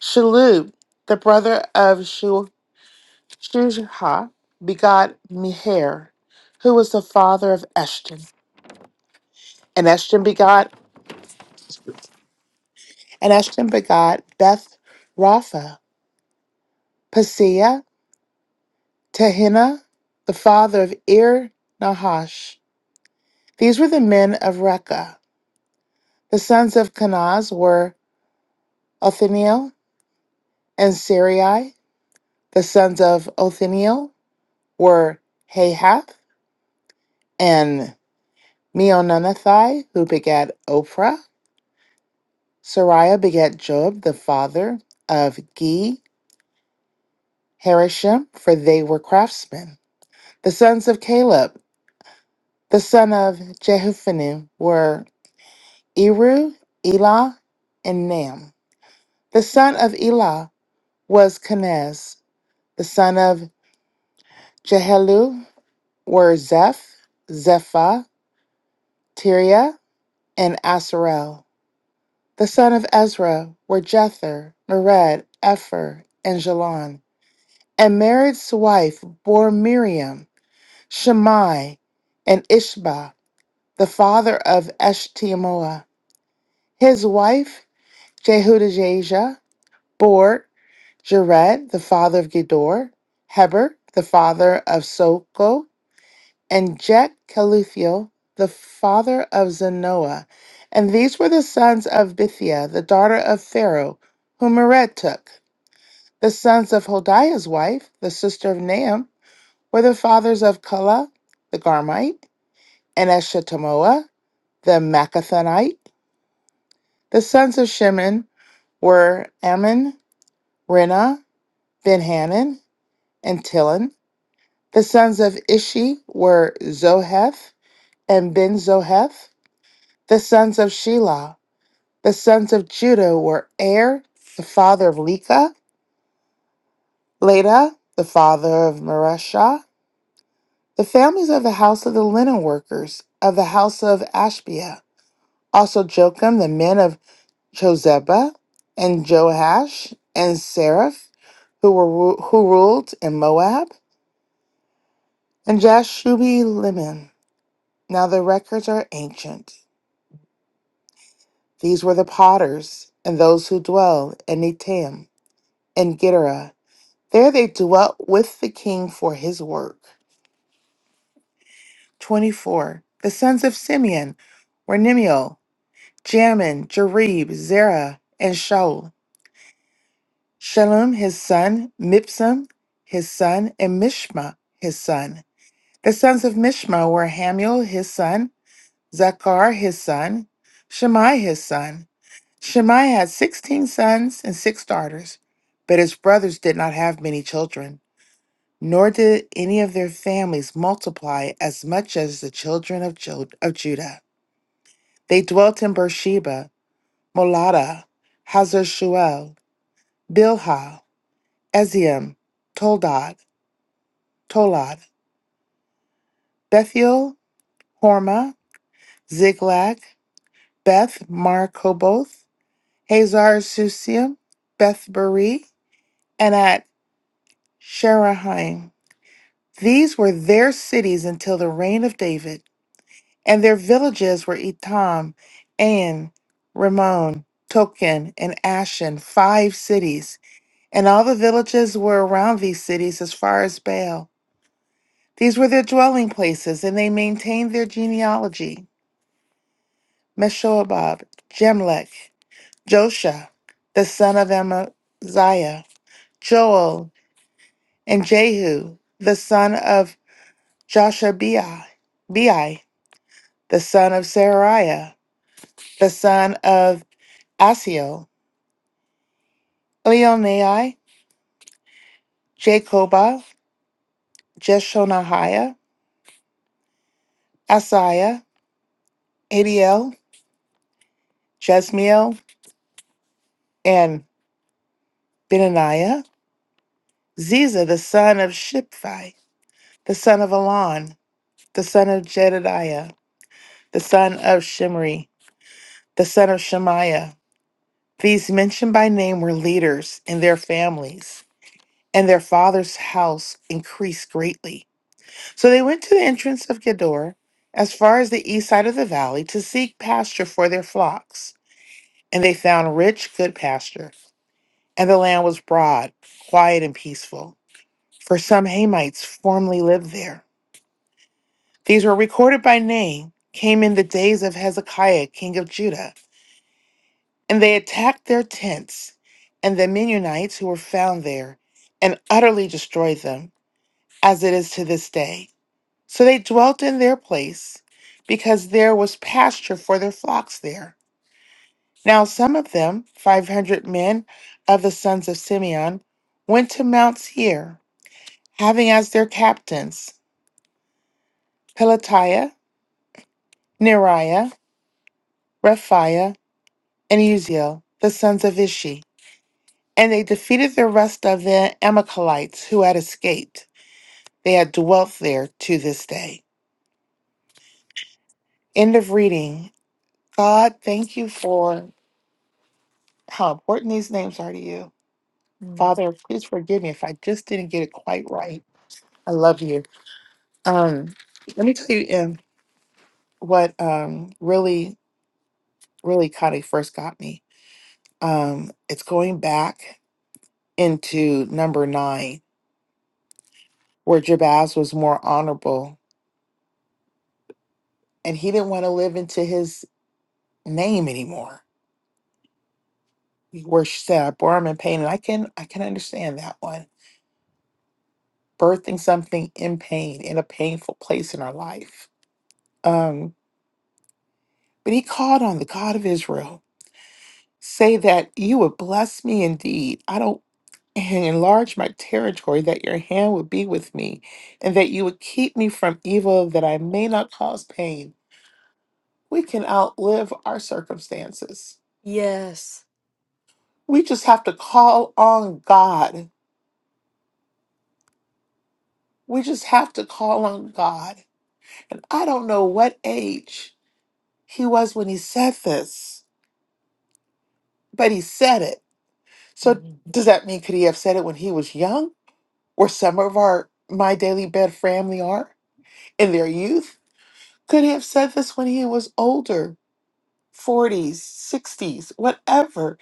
K: Shalub, the brother of Shuham Shuha begot Meher, who was the father of Eshton. And Eshton begot and Eshton begot Beth Rapha, Paseah, Tehina, the father of Ir Nahash. These were the men of Rekha. The sons of Kenaz were Othniel and Sarai. The sons of Othniel were Hahath and Meononothai, who begat Oprah. Sariah begat Job, the father of Ge Harashim, for they were craftsmen. The sons of Caleb, the son of Jehuphanim, were Eru, Elah, and Nam. The son of Elah was Kenaz. The son of Jehelu were Zeph, Zephah, Tiria, and Asarel. The son of Ezra were Jether, Mered, Epher, and Jalon. And Mered's wife bore Miriam, Shammai, and Ishba, the father of Eshtemoa. His wife, Jehudijah, bore Jared, the father of Gedor, Heber, the father of Soko, and Jet Caluthiel, the father of Zanoah. And these were the sons of Bithia, the daughter of Pharaoh, whom Mered took. The sons of Hodiah's wife, the sister of Naam, were the fathers of Kala, the Garmite, and Eshtamoa, the Maccathonite. The sons of Shimon were Ammon, Rena, Benhanan, and Tilon. The sons of Ishi were Zoheth and Ben Zoheth. The sons of Shelah. The sons of Judah were Er, the father of Leka, Leda, the father of Mareshah. The families of the house of the linen workers, of the house of Ashbia Also Jocham, the men of Jozeba, and Joash, and Seraph, who were ru- who ruled in Moab, and Jashubi Liman. Now the records are ancient. These were the potters, and those who dwell in Etam and Gittera. There they dwelt with the king for his work. 24. The sons of Simeon were Nimiel, Jamin, Jareb, Zerah, and Shaul. Shalom, his son, Mipsam, his son, and Mishma, his son. The sons of Mishma were Hamuel, his son, Zakar, his son, Shammai, his son. Shammai had 16 sons and six daughters, but his brothers did not have many children, nor did any of their families multiply as much as the children of, Jud- of Judah. They dwelt in Beersheba, Molada, Hazar Shuel, Bilhah, Eziam, Toldad. Tolad, Bethiel, Horma, Ziklag, Beth Markoboth, Hazar Susim, Beth Beri, and at Sherahaim. These were their cities until the reign of David, and their villages were Etam, Ain, Ramon, Token, and Ashen, five cities. And all the villages were around these cities as far as Baal. These were their dwelling places, and they maintained their genealogy. Meshobab, Jemlech, Josha, the son of Amaziah, Joel, and Jehu, the son of Joshabiah, Bai, the son of Seraiah, the son of Asiel, Elionai, Jacobah, Jeshonahiah, Asaiah, Adiel, Jesmiel, and Benaniah, Ziza, the son of Shiphi, the son of Elon, the son of Jedediah, the son of Shimri, the son of Shemaiah. These mentioned by name were leaders in their families, and their father's house increased greatly. So they went to the entrance of Gedor, as far as the east side of the valley, to seek pasture for their flocks. And they found rich, good pasture, and the land was broad, quiet, and peaceful. For some Hamites formerly lived there. These were recorded by name, came in the days of Hezekiah, king of Judah. And they attacked their tents and the Mennonites who were found there and utterly destroyed them, as it is to this day. So they dwelt in their place because there was pasture for their flocks there. Now some of them, 500 men of the sons of Simeon, went to Mount Seir, having as their captains Pelatiah, Neriah, Rephaiah, and Uziel, the sons of Ishi. And they defeated the rest of the Amalekites who had escaped. They had dwelt there to this day. End of reading. God, thank you for how important these names are to you.
A: Mm.
K: Father, please forgive me if I just didn't get it quite right. I love you. Um, let me tell you um, what um, really, really kind of first got me. Um, it's going back into number nine, where Jabaz was more honorable and he didn't want to live into his name anymore where she said I bore him in pain, and I can I can understand that one. Birthing something in pain in a painful place in our life. Um, but he called on the God of Israel, say that you would bless me indeed. I don't and enlarge my territory, that your hand would be with me, and that you would keep me from evil, that I may not cause pain. We can outlive our circumstances.
A: Yes.
K: We just have to call on God. We just have to call on God I don't know what age he was when he said this, but he said it. So
A: Mhm.
K: does that mean could he have said it when he was young, where some of our my daily bed family are in their youth? Could he have said this when he was older, 40s, 60s, whatever?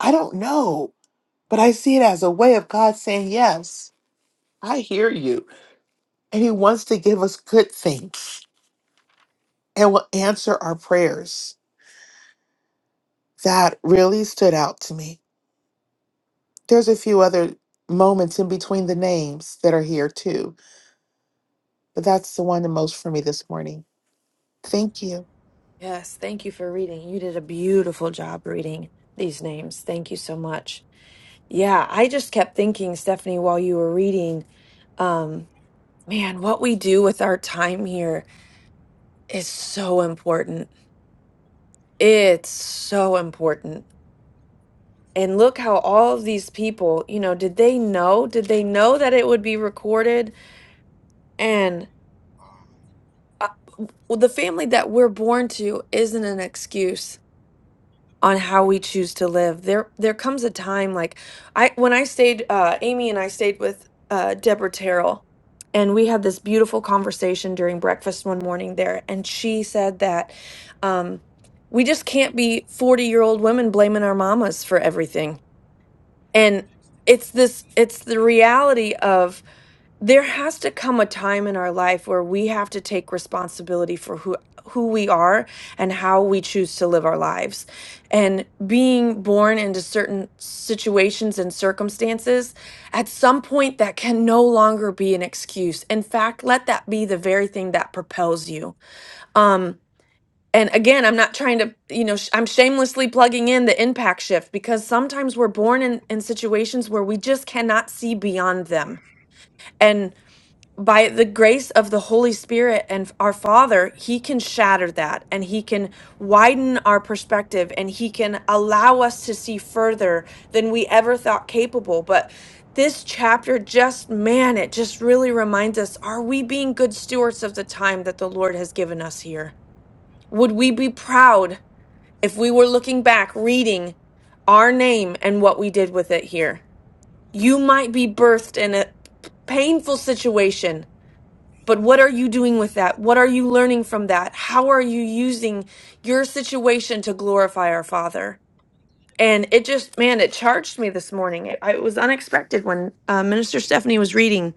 K: I don't know, but I see it as a way of God saying, "Yes, I hear you." And he wants to give us good things and will answer our prayers. That really stood out to me. There's a few other moments in between the names that are here too, but that's the one the most for me this morning. Thank you.
A: Yes. Thank you for reading. You did a beautiful job reading these names. Thank you so much. Yeah. I just kept thinking, Stephanie, while you were reading, um, man, what we do with our time here is so important. It's so important. And look how all of these people, you know, did they know? Did they know that it would be recorded? And uh, w- the family that we're born to isn't an excuse on how we choose to live. There there comes a time like I when I stayed uh Amy and I stayed with uh Deborah Terrell and we had this beautiful conversation during breakfast one morning there and she said that um we just can't be 40-year-old women blaming our mamas for everything. And it's this it's the reality there has to come a time in our life where we have to take responsibility for who who we are and how we choose to live our lives and being born into certain situations and circumstances at some point that can no longer be an excuse in fact let that be the very thing that propels you um and again i'm not trying to you know sh- i'm shamelessly plugging in the impact shift because sometimes we're born in in situations where we just cannot see beyond them by the grace of the Holy Spirit and our Father, He can shatter that and He can widen our perspective and He can allow us to see further than we ever thought capable. But this chapter just, man, it just really reminds us are we being good stewards of the time that the Lord has given us here? Would we be proud if we were looking back, reading our name and what we did with it here? You might be birthed in a painful situation but what are you doing with that? What are you learning from that? How are you using your situation to glorify our Father? And it just, man, it charged me this morning. It, it was unexpected when uh, Minister Stephanie was reading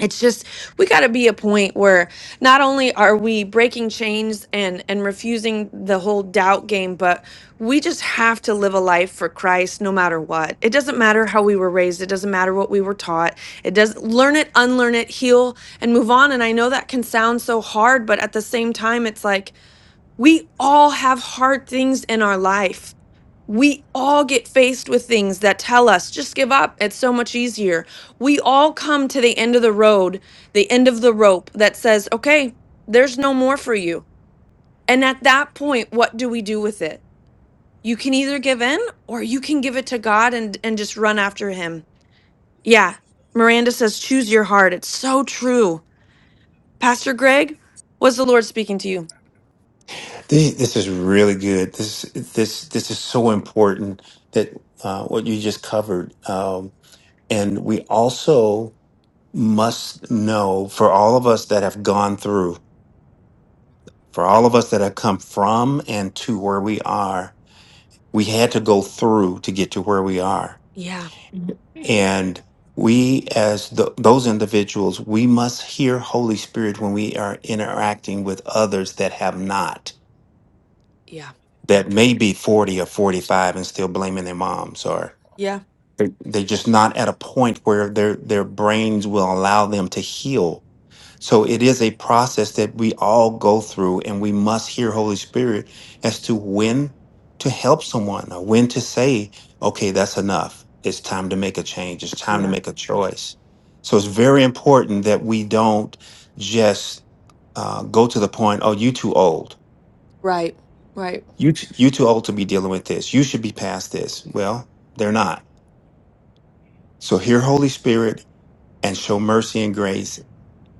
A: it's just we got to be a point where not only are we breaking chains and and refusing the whole doubt game but we just have to live a life for christ no matter what it doesn't matter how we were raised it doesn't matter what we were taught it does learn it unlearn it heal and move on and i know that can sound so hard but at the same time it's like we all have hard things in our life we all get faced with things that tell us, just give up. It's so much easier. We all come to the end of the road, the end of the rope that says, okay, there's no more for you. And at that point, what do we do with it? You can either give in or you can give it to God and, and just run after Him. Yeah. Miranda says, choose your heart. It's so true. Pastor Greg, was the Lord speaking to you?
L: this, this is really good this this this is so important that uh, what you just covered um, and we also must know for all of us that have gone through for all of us that have come from and to where we are we had to go through to get to where we are
A: Yeah,
L: and we as the, those individuals we must hear holy spirit when we are interacting with others that have not
A: yeah,
L: that may be 40 or 45 and still blaming their moms or
A: yeah.
L: they're, they're just not at a point where their their brains will allow them to heal So it is a process that we all go through, and we must hear Holy Spirit as to when to help someone or when to say, okay, that's enough. It's time to make a change. It's time to
A: Yeah.
L: make a choice. So it's very important that we don't just uh, go to the point, oh, you too old.
A: Right, right.
L: You t- you too old to be dealing with this. You should be past this. Well, they're not. So hear Holy Spirit and show mercy and grace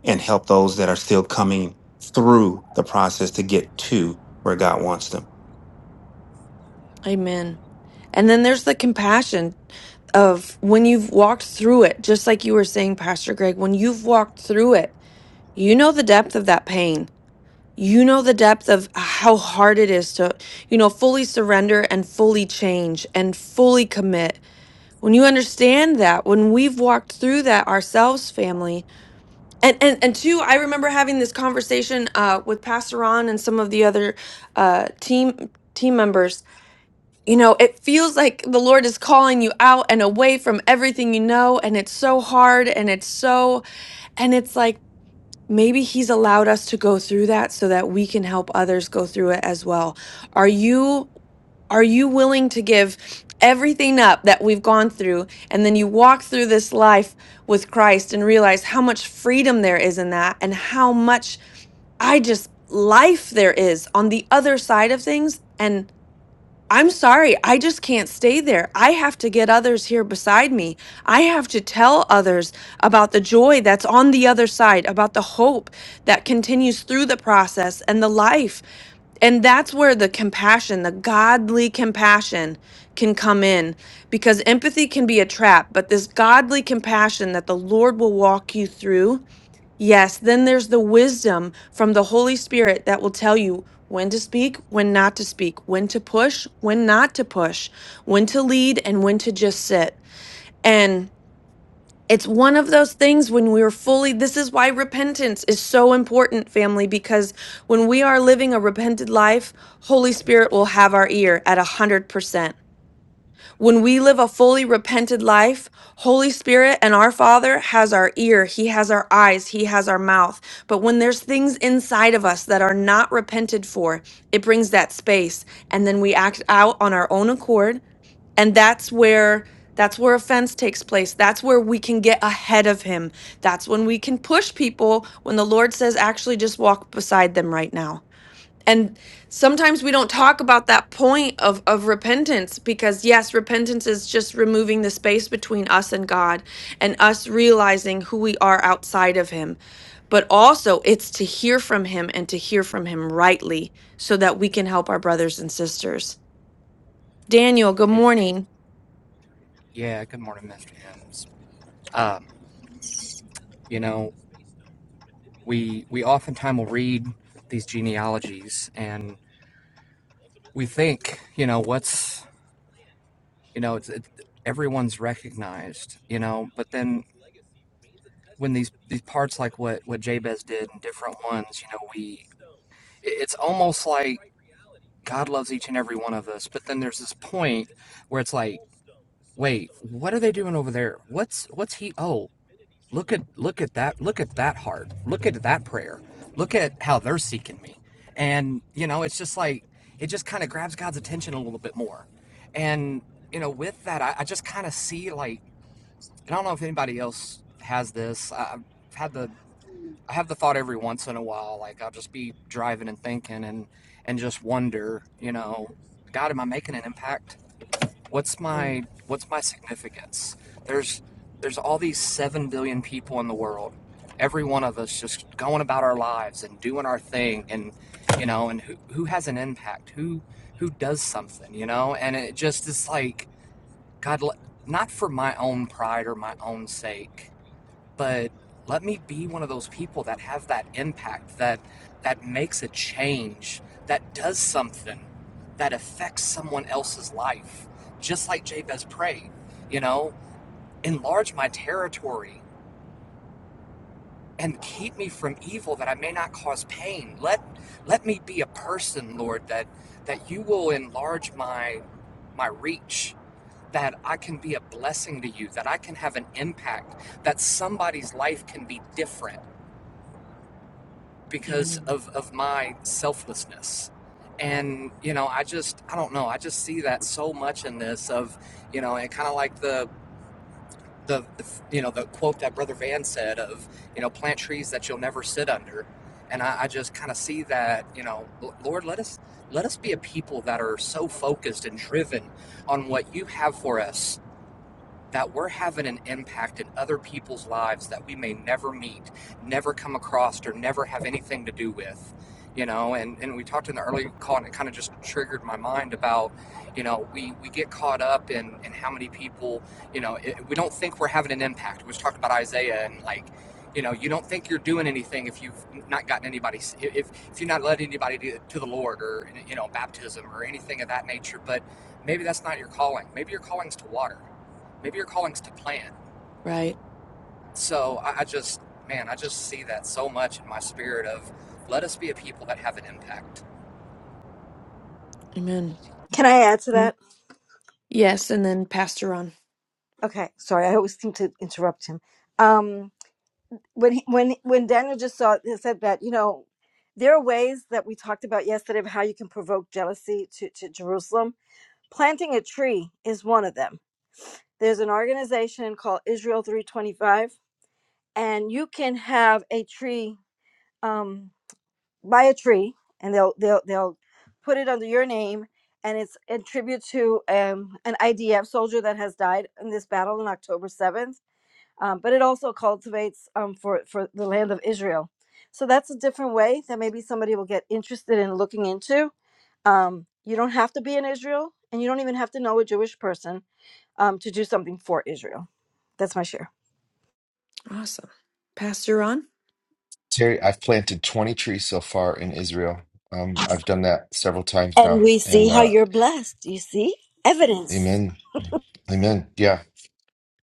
L: and help those that are still coming through the process to get to where God wants them.
A: Amen. And then there's the compassion. of when you've walked through it, just like you were saying, Pastor Greg, when you've walked through it, you know the depth of that pain. You know the depth of how hard it is to, you know, fully surrender and fully change and fully commit. When you understand that, when we've walked through that ourselves, family, and and and two, I remember having this conversation uh, with Pastor Ron and some of the other uh, team team members you know, it feels like the Lord is calling you out and away from everything you know, and it's so hard and it's so, and it's like maybe He's allowed us to go through that so that we can help others go through it as well. Are you? Are you willing to give everything up that we've gone through and then you walk through this life with Christ and realize how much freedom there is in that and how much I just life there is on the other side of things and. I'm sorry, I just can't stay there. I have to get others here beside me. I have to tell others about the joy that's on the other side, about the hope that continues through the process and the life. And that's where the compassion, the godly compassion, can come in because empathy can be a trap, but this godly compassion that the Lord will walk you through Yes, then there's the wisdom from the Holy Spirit that will tell you when to speak, when not to speak, when to push, when not to push, when to lead, and when to just sit. And it's one of those things when we're fully, this is why repentance is so important, family, because when we are living a repented life, Holy Spirit will have our ear at 100%. When we live a fully repented life, Holy Spirit and our Father has our ear, He has our eyes, He has our mouth. But when there's things inside of us that are not repented for, it brings that space. And then we act out on our own accord. And that's where. That's where offense takes place. That's where we can get ahead of him. That's when we can push people when the Lord says, actually, just walk beside them right now. And sometimes we don't talk about that point of, of repentance because, yes, repentance is just removing the space between us and God and us realizing who we are outside of Him. But also, it's to hear from Him and to hear from Him rightly so that we can help our brothers and sisters. Daniel, good
M: Hey,
A: morning.
M: yeah, good morning, Mr. Mims. Um, you know, we we oftentimes will read these genealogies and we think, you know, what's, you know, it's, it, everyone's recognized, you know, but then when these these parts like what what Jabez did and different ones, you know, we it- it's almost like God loves each and every one of us, but then there's this point where it's like, wait, what are they doing over there? What's what's he? Oh, Look at look at that look at that heart. Look at that prayer. Look at how they're seeking me. And you know, it's just like it just kind of grabs God's attention a little bit more. And you know, with that, I, I just kind of see like and I don't know if anybody else has this. I- I've had the I have the thought every once in a while, like I'll just be driving and thinking and and just wonder, you know, God, am I making an impact? what's
A: Mm.
M: my what's my significance there's there's all these 7 billion people in the world every one of us just going about our lives and doing our thing and you know and who, who has an impact who who does something you know and it just is like god not for my own pride or my own sake but let me be one of those people that have that impact that that makes a change that does something that affects someone else's life just like jabez prayed you know enlarge my territory and keep me from evil that i may not cause pain let let me be a person lord that that you will enlarge my my reach that i can be a blessing to you that i can have an impact that somebody's life can be different because of of my selflessness and you know i just i don't know i just see that so much in this of you know and kind of like the, the the you know the quote that brother van said of you know plant trees that you'll never sit under and i, I just kind of see that you know lord let us let us be a people that are so focused and driven on what you have for us that we're having an impact in other people's lives that we may never meet, never come across, or never have anything to do with. You know, and, and we talked in the early call, and it kind of just triggered my mind about, you know, we, we get caught up in, in how many people, you know, it, we don't think we're having an impact. We was talking about Isaiah and like, you know, you don't think you're doing anything if you've not gotten anybody, if, if you're not led anybody to, to the Lord or, you know, baptism or anything of that nature. But maybe that's not your calling. Maybe your calling's to water maybe your calling's to plan.
A: Right.
M: So I, I just, man, I just see that so much in my spirit of let us be a people that have an impact.
A: Amen.
H: Can I add to
A: Mm.
H: that?
A: Yes. And then Pastor Ron.
H: Okay, sorry, I always seem to interrupt him. Um, when he, when when Daniel just saw said that, you know, there are ways that we talked about yesterday of how you can provoke jealousy to, to Jerusalem. Planting a tree is one of them. There's an organization called Israel 325, and you can have a tree. Um, buy a tree and they'll they'll they'll put it under your name and it's in tribute to um, an IDF soldier that has died in this battle on October 7th. Um, but it also cultivates um, for, for the land of Israel. So that's a different way that maybe somebody will get interested in looking into. Um, you don't have to be in Israel and you don't even have to know a Jewish person um, to do something for Israel. That's my share.
A: Awesome. Pastor Ron?
C: Terry, I've planted 20 trees so far in Israel. Um,
A: Mhm.
C: I've done that several times
H: And
C: now.
H: we see
C: And
H: how
C: uh,
H: you're blessed. You see? Evidence.
C: amen. Amen. Yeah.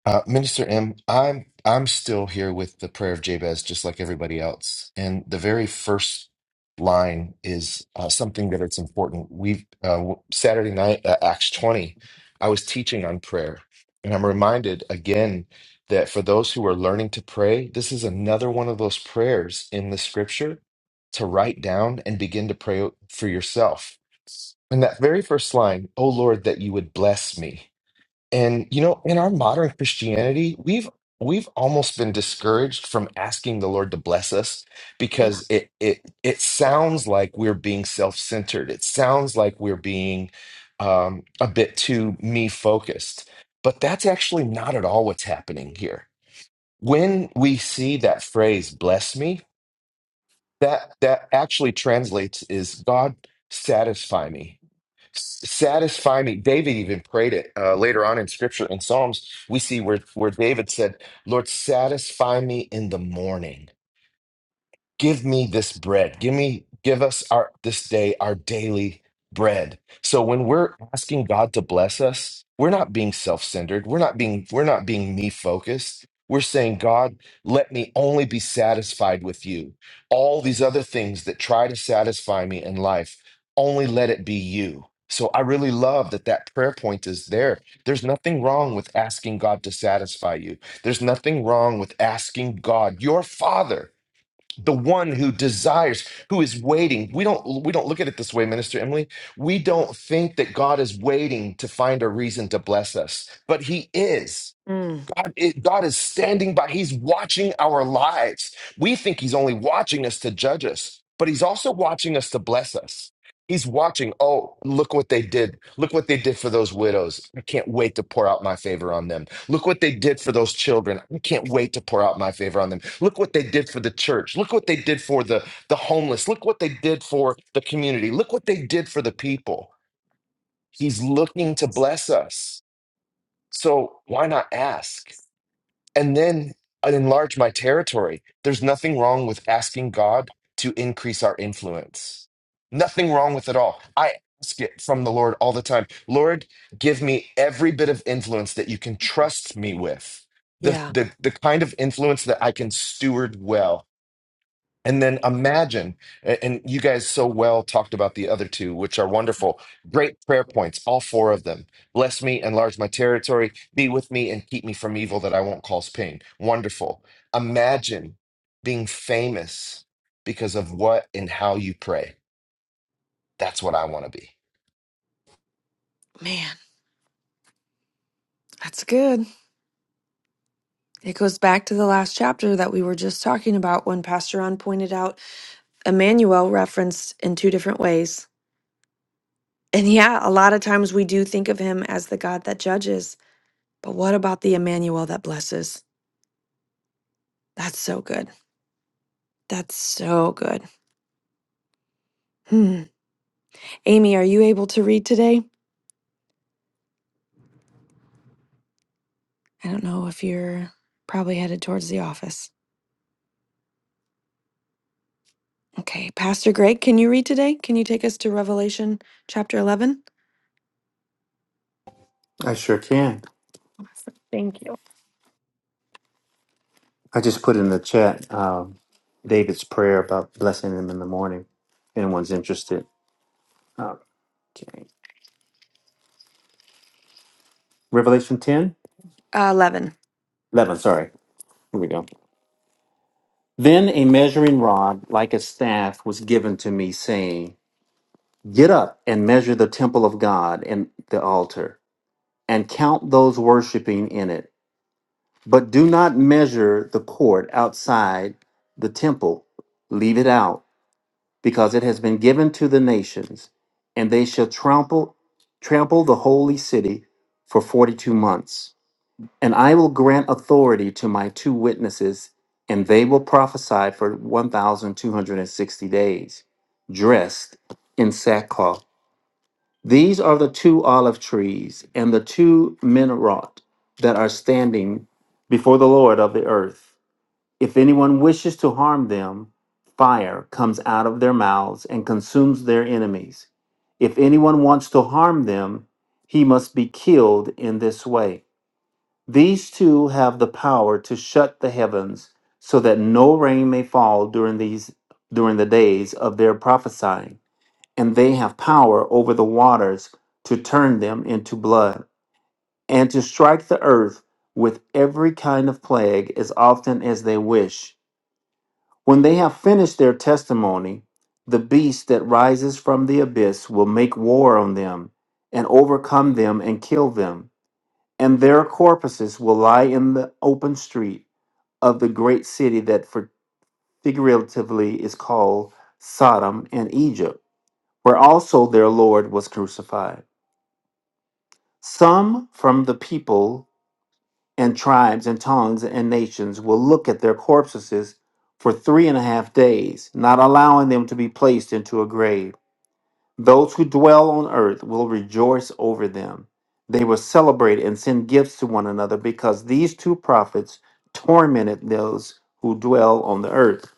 C: Uh, Minister M, I'm I'm still here with the prayer of Jabez, just like everybody else. And the very first line is uh, something that it's important. We uh, w- Saturday night at Acts 20, I was teaching on prayer, and I'm reminded again that for those who are learning to pray, this is another one of those prayers in the Scripture to write down and begin to pray for yourself. And that very first line, "Oh Lord, that you would bless me." And you know, in our modern Christianity, we've we've almost been discouraged from asking the Lord to bless us
A: Yeah.
C: because it it it sounds like we're being self-centered. It sounds like we're being um, a bit too me focused. But that's actually not at all what's happening here. When we see that phrase "bless me," that that actually translates is God satisfy me satisfy me david even prayed it uh, later on in scripture in psalms we see where, where david said lord satisfy me in the morning give me this bread give me give us our this day our daily bread so when we're asking god to bless us we're not being self-centered we're not being we're not being me focused we're saying god let me only be satisfied with you all these other things that try to satisfy me in life only let it be you so i really love that that prayer point is there there's nothing wrong with asking god to satisfy you there's nothing wrong with asking god your father the one who desires who is waiting we don't we don't look at it this way minister emily we don't think that god is waiting to find a reason to bless us but he is
A: Mm,
C: God, it- God is standing by. He's watching our lives. We think He's only watching us to judge us, but He's also watching us to bless us. He's watching. Oh, look what they did. Look what they did for those widows. I can't wait to pour out my favor on them. Look what they did for those children. I can't wait to pour out my favor on them. Look what they did for the church. Look what they did for the, the homeless. Look what they did for the community. Look what they did for the people. He's looking to bless us. So why not ask? and then i enlarge my territory. There's nothing wrong with asking God to increase our influence. Nothing wrong with it all. I ask it from the Lord all the time. Lord, give me every bit of influence that you can trust me with. The,
A: yeah.
C: the, the kind of influence that I can steward well and then imagine, a- and you guys so well talked about the other two, which are wonderful. Great prayer points, all four of them. Bless me, enlarge my territory, be with me, and keep me from evil that I won't cause pain. Wonderful. Imagine being famous because of what and how you pray. That's what I want to be.
A: Man, that's good. It goes back to the last chapter that we were just talking about when Pastor Ron pointed out Emmanuel referenced in two different ways. And yeah, a lot of times we do think of him as the God that judges, but what about the Emmanuel that blesses? That's so good. That's so good. Hmm. Amy, are you able to read today? I don't know if you're probably headed towards the office. Okay, Pastor Greg, can you read today? Can you take us to Revelation chapter 11?
L: I sure can.
A: Awesome, Thank you.
L: I just put in the chat um, David's prayer about blessing them in the morning. If Anyone's interested? Okay. Revelation 10,
A: Uh, 11.
L: 11. sorry. Here we go. Then a measuring rod like a staff was given to me, saying, Get up and measure the temple of God and the altar, and count those worshiping in it But do not measure the court outside the temple. Leave it out, because it has been given to the nations, and they shall trample trample the holy city for 42 months. And I will grant authority to my two witnesses, and they will prophesy for 1260 days, dressed in sackcloth. These are the two olive trees and the two minarot that are standing before the Lord of the earth. If anyone wishes to harm them, fire comes out of their mouths and consumes their enemies. If anyone wants to harm them, he must be killed in this way. These two have the power to shut the heavens so that no rain may fall during these during the days of their prophesying, and they have power over the waters to turn them into blood and to strike the earth with every kind of plague as often as they wish. When they have finished their testimony, the beast that rises from the abyss will make war on them and overcome them and kill them. And their corpses will lie in the open street of the great city that for- figuratively is called Sodom and Egypt, where also their Lord was crucified. Some from the people and tribes and tongues and nations will look at their corpses for three and a half days, not allowing them to be placed into a grave. Those who dwell on earth will rejoice over them. They will celebrate and send gifts to one another because these two prophets tormented those who dwell on the earth.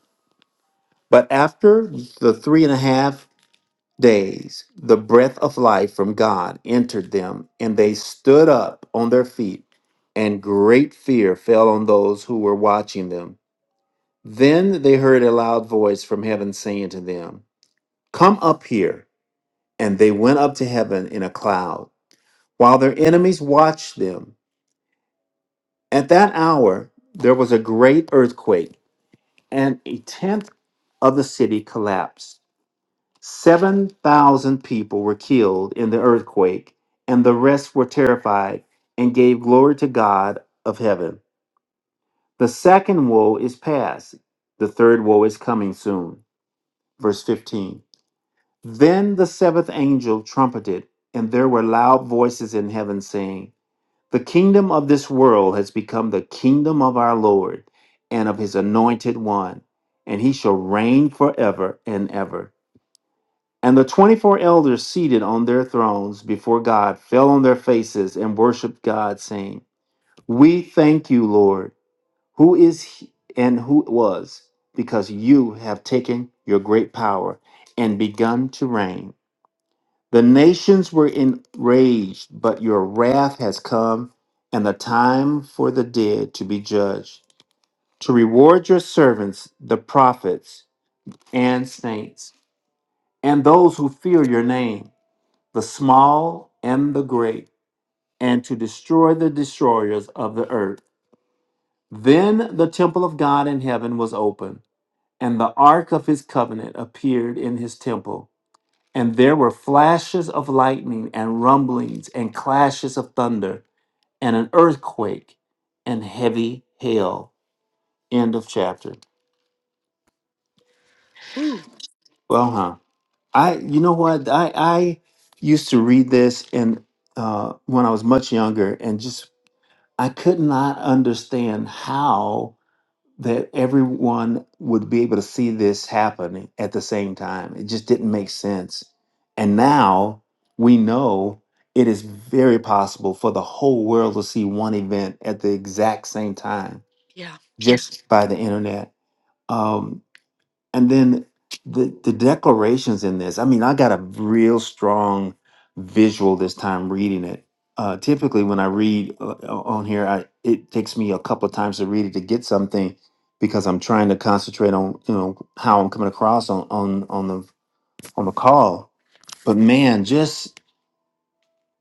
L: But after the three and a half days, the breath of life from God entered them, and they stood up on their feet, and great fear fell on those who were watching them. Then they heard a loud voice from heaven saying to them, Come up here. And they went up to heaven in a cloud, while their enemies watched them. At that hour, there was a great earthquake, and a tenth of the city collapsed. 7,000 people were killed in the earthquake, and the rest were terrified and gave glory to God of heaven. The second woe is past, the third woe is coming soon. Verse 15 Then the seventh angel trumpeted, and there were loud voices in heaven saying, The kingdom of this world has become the kingdom of our Lord and of his anointed one, and he shall reign forever and ever. And the 24 elders seated on their thrones before God fell on their faces and worshiped God, saying, We thank you, Lord, who is he and who was, because you have taken your great power and begun to reign. The nations were enraged, but your wrath has come, and the time for the dead to be judged, to reward your servants, the prophets and saints, and those who fear your name the small and the great, and to destroy the destroyers of the earth. Then the temple of God in heaven was open, and the ark of his covenant appeared in his temple. And there were flashes of lightning, and rumblings, and clashes of thunder, and an earthquake, and heavy hail. End of chapter.
A: Ooh,
L: Well, huh. I, you know what? I, I used to read this and uh, when I was much younger, and just I could not understand how that everyone would be able to see this happening at the same time. It just didn't make sense. And now we know it is very possible for the whole world to see one event at the exact same time
A: yeah.
L: just by the internet. Um, and then the the declarations in this i mean i got a real strong visual this time reading it uh typically when i read uh, on here i it takes me a couple of times to read it to get something because i'm trying to concentrate on you know how i'm coming across on on on the on the call but man just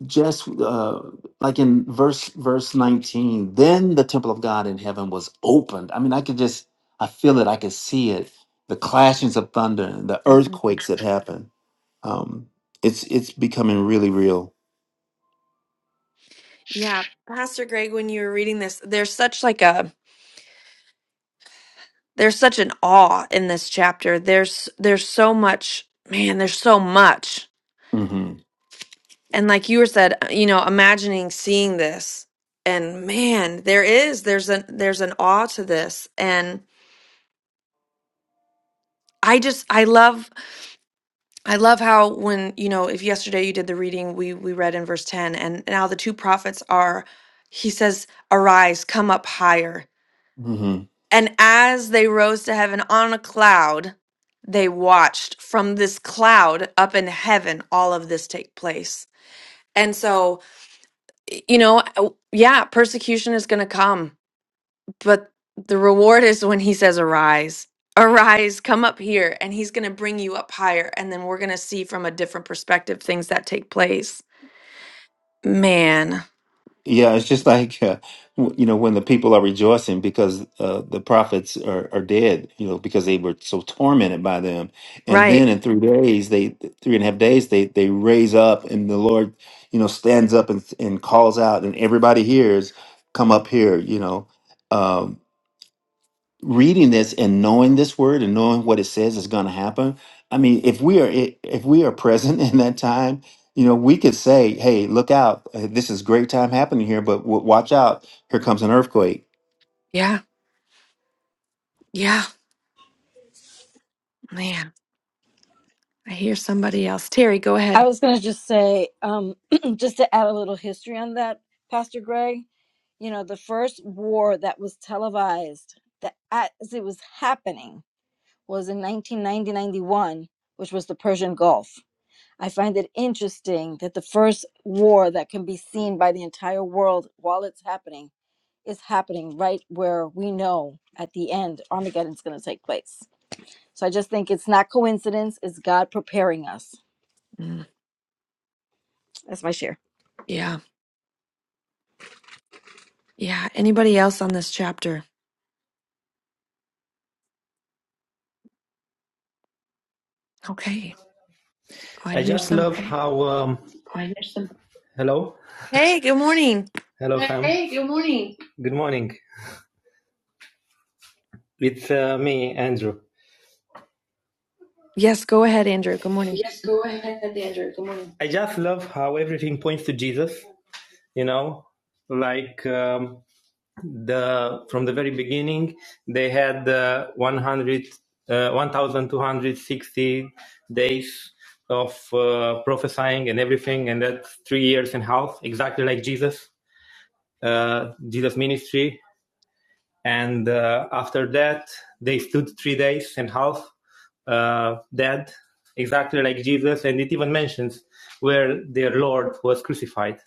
L: just uh, like in verse verse 19 then the temple of god in heaven was opened i mean i could just i feel it i could see it the clashings of thunder and the earthquakes that happen um it's it's becoming really real
A: Yeah, Pastor Greg, when you were reading this, there's such like a there's such an awe in this chapter. There's there's so much, man, there's so much.
L: hmm
A: And like you were said, uh, you know, imagining seeing this and man, there is there's an there's an awe to this and I just I love I love how when, you know, if yesterday you did the reading, we we read in verse 10 and now the two prophets are he says, "Arise, come up higher." And as they rose to heaven on a cloud, they watched from this cloud up in heaven all of this take place. And so, y- you know, uh, yeah, persecution is going to come, but the reward is when he says, Arise, arise, come up here, and he's going to bring you up higher. And then we're going to see from a different perspective things that take place. Man,
L: Yeah, it's just like uh, w- you know when the people are rejoicing because uh, the prophets are, are dead, you know, because they were so tormented by them, and
A: right.
L: then in three days, they three and a half days, they they raise up, and the Lord, you know, stands up and and calls out, and everybody hears, "Come up here," you know, um, reading this and knowing this word and knowing what it says is going to happen i mean if we are if we are present in that time you know we could say hey look out uh, this is great time happening here but w- watch out here comes an earthquake
A: Yeah. Yeah. Man, I hear somebody else. Terry, go
H: I
A: ahead.
H: was going to just say, um, just to add a little history on that, Pastor Greg. you know, the first war that was televised that as it was happening was in 1990 91, which was the Persian Gulf. I find it interesting that the first war that can be seen by the entire world while it's happening is happening right where we know at the end Armageddon's going to take place. So I just think it's not coincidence, it's God preparing us.
A: Mm,
H: That's my share.
A: Yeah. Yeah. Anybody else on this chapter? Okay. Oh, I
F: I
A: hear
F: just
A: some.
F: love how. Um, I hello,
A: Hey, good morning.
F: hello, Sam. Hey, good morning. Good morning. It's uh, me, Andrew.
A: Yes, go ahead, Andrew. Good morning.
F: Yes, go ahead, Andrew. Good morning. I just love how everything points to Jesus. You know, like um, the from the very beginning, they had uh, 100, uh, 1,260 days of uh, prophesying and everything, and that's three years and a half, exactly like Jesus, uh, Jesus' ministry, and uh, after that they stood three days and a half uh, dead exactly like jesus and it even mentions where their lord was crucified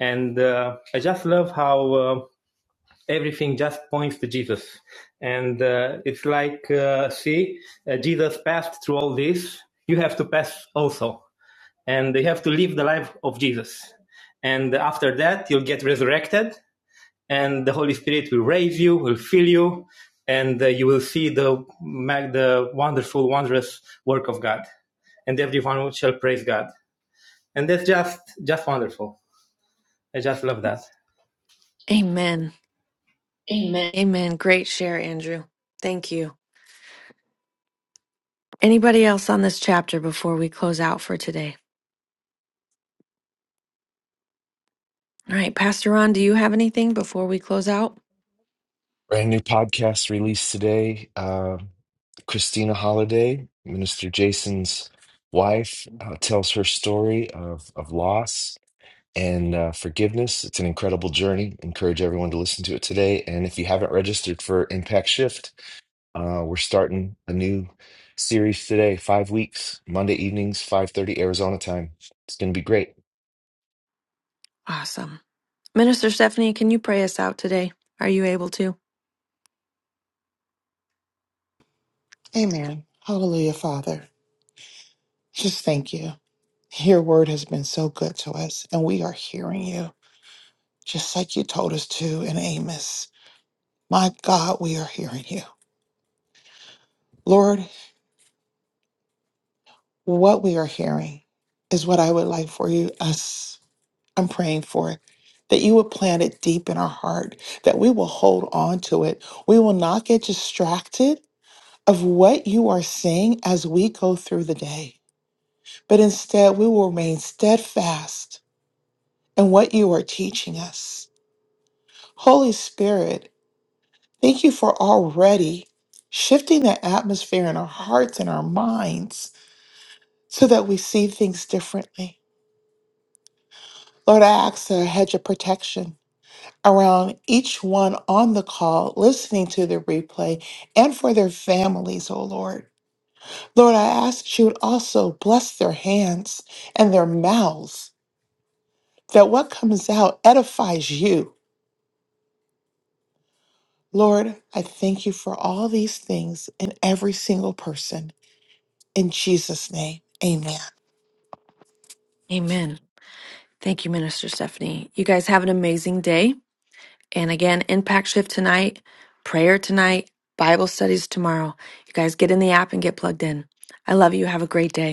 F: and uh, i just love how uh, everything just points to jesus and uh, it's like uh, see uh, jesus passed through all this you have to pass also and you have to live the life of jesus and after that you'll get resurrected and the Holy Spirit will raise you, will fill you, and uh, you will see the mag- the wonderful, wondrous work of God, and everyone shall praise God. And that's just just wonderful. I just love that.
A: Amen.
F: Amen.
A: Amen. Great share, Andrew. Thank you. Anybody else on this chapter before we close out for today? All right, Pastor Ron, do you have anything before we close out?
C: Brand new podcast released today. Uh, Christina Holiday, Minister Jason's wife, uh, tells her story of, of loss and uh, forgiveness. It's an incredible journey. Encourage everyone to listen to it today. And if you haven't registered for Impact Shift, uh, we're starting a new series today, five weeks, Monday evenings, 5:30 Arizona time. It's going to be great.
A: Awesome. Minister Stephanie, can you pray us out today? Are you able to?
K: Amen. Hallelujah, Father. Just thank you. Your word has been so good to us, and we are hearing you, just like you told us to in Amos. My God, we are hearing you. Lord, what we are hearing is what I would like for you, us. I'm praying for it, that you would plant it deep in our heart, that we will hold on to it. We will not get distracted of what you are seeing as we go through the day, but instead we will remain steadfast in what you are teaching us. Holy Spirit, thank you for already shifting the atmosphere in our hearts and our minds so that we see things differently. Lord, I ask a hedge of protection around each one on the call listening to the replay and for their families, oh Lord. Lord, I ask that you would also bless their hands and their mouths, that what comes out edifies you. Lord, I thank you for all these things in every single person. In Jesus' name, amen.
A: Amen. Thank you, Minister Stephanie. You guys have an amazing day. And again, impact shift tonight, prayer tonight, Bible studies tomorrow. You guys get in the app and get plugged in. I love you. Have a great day.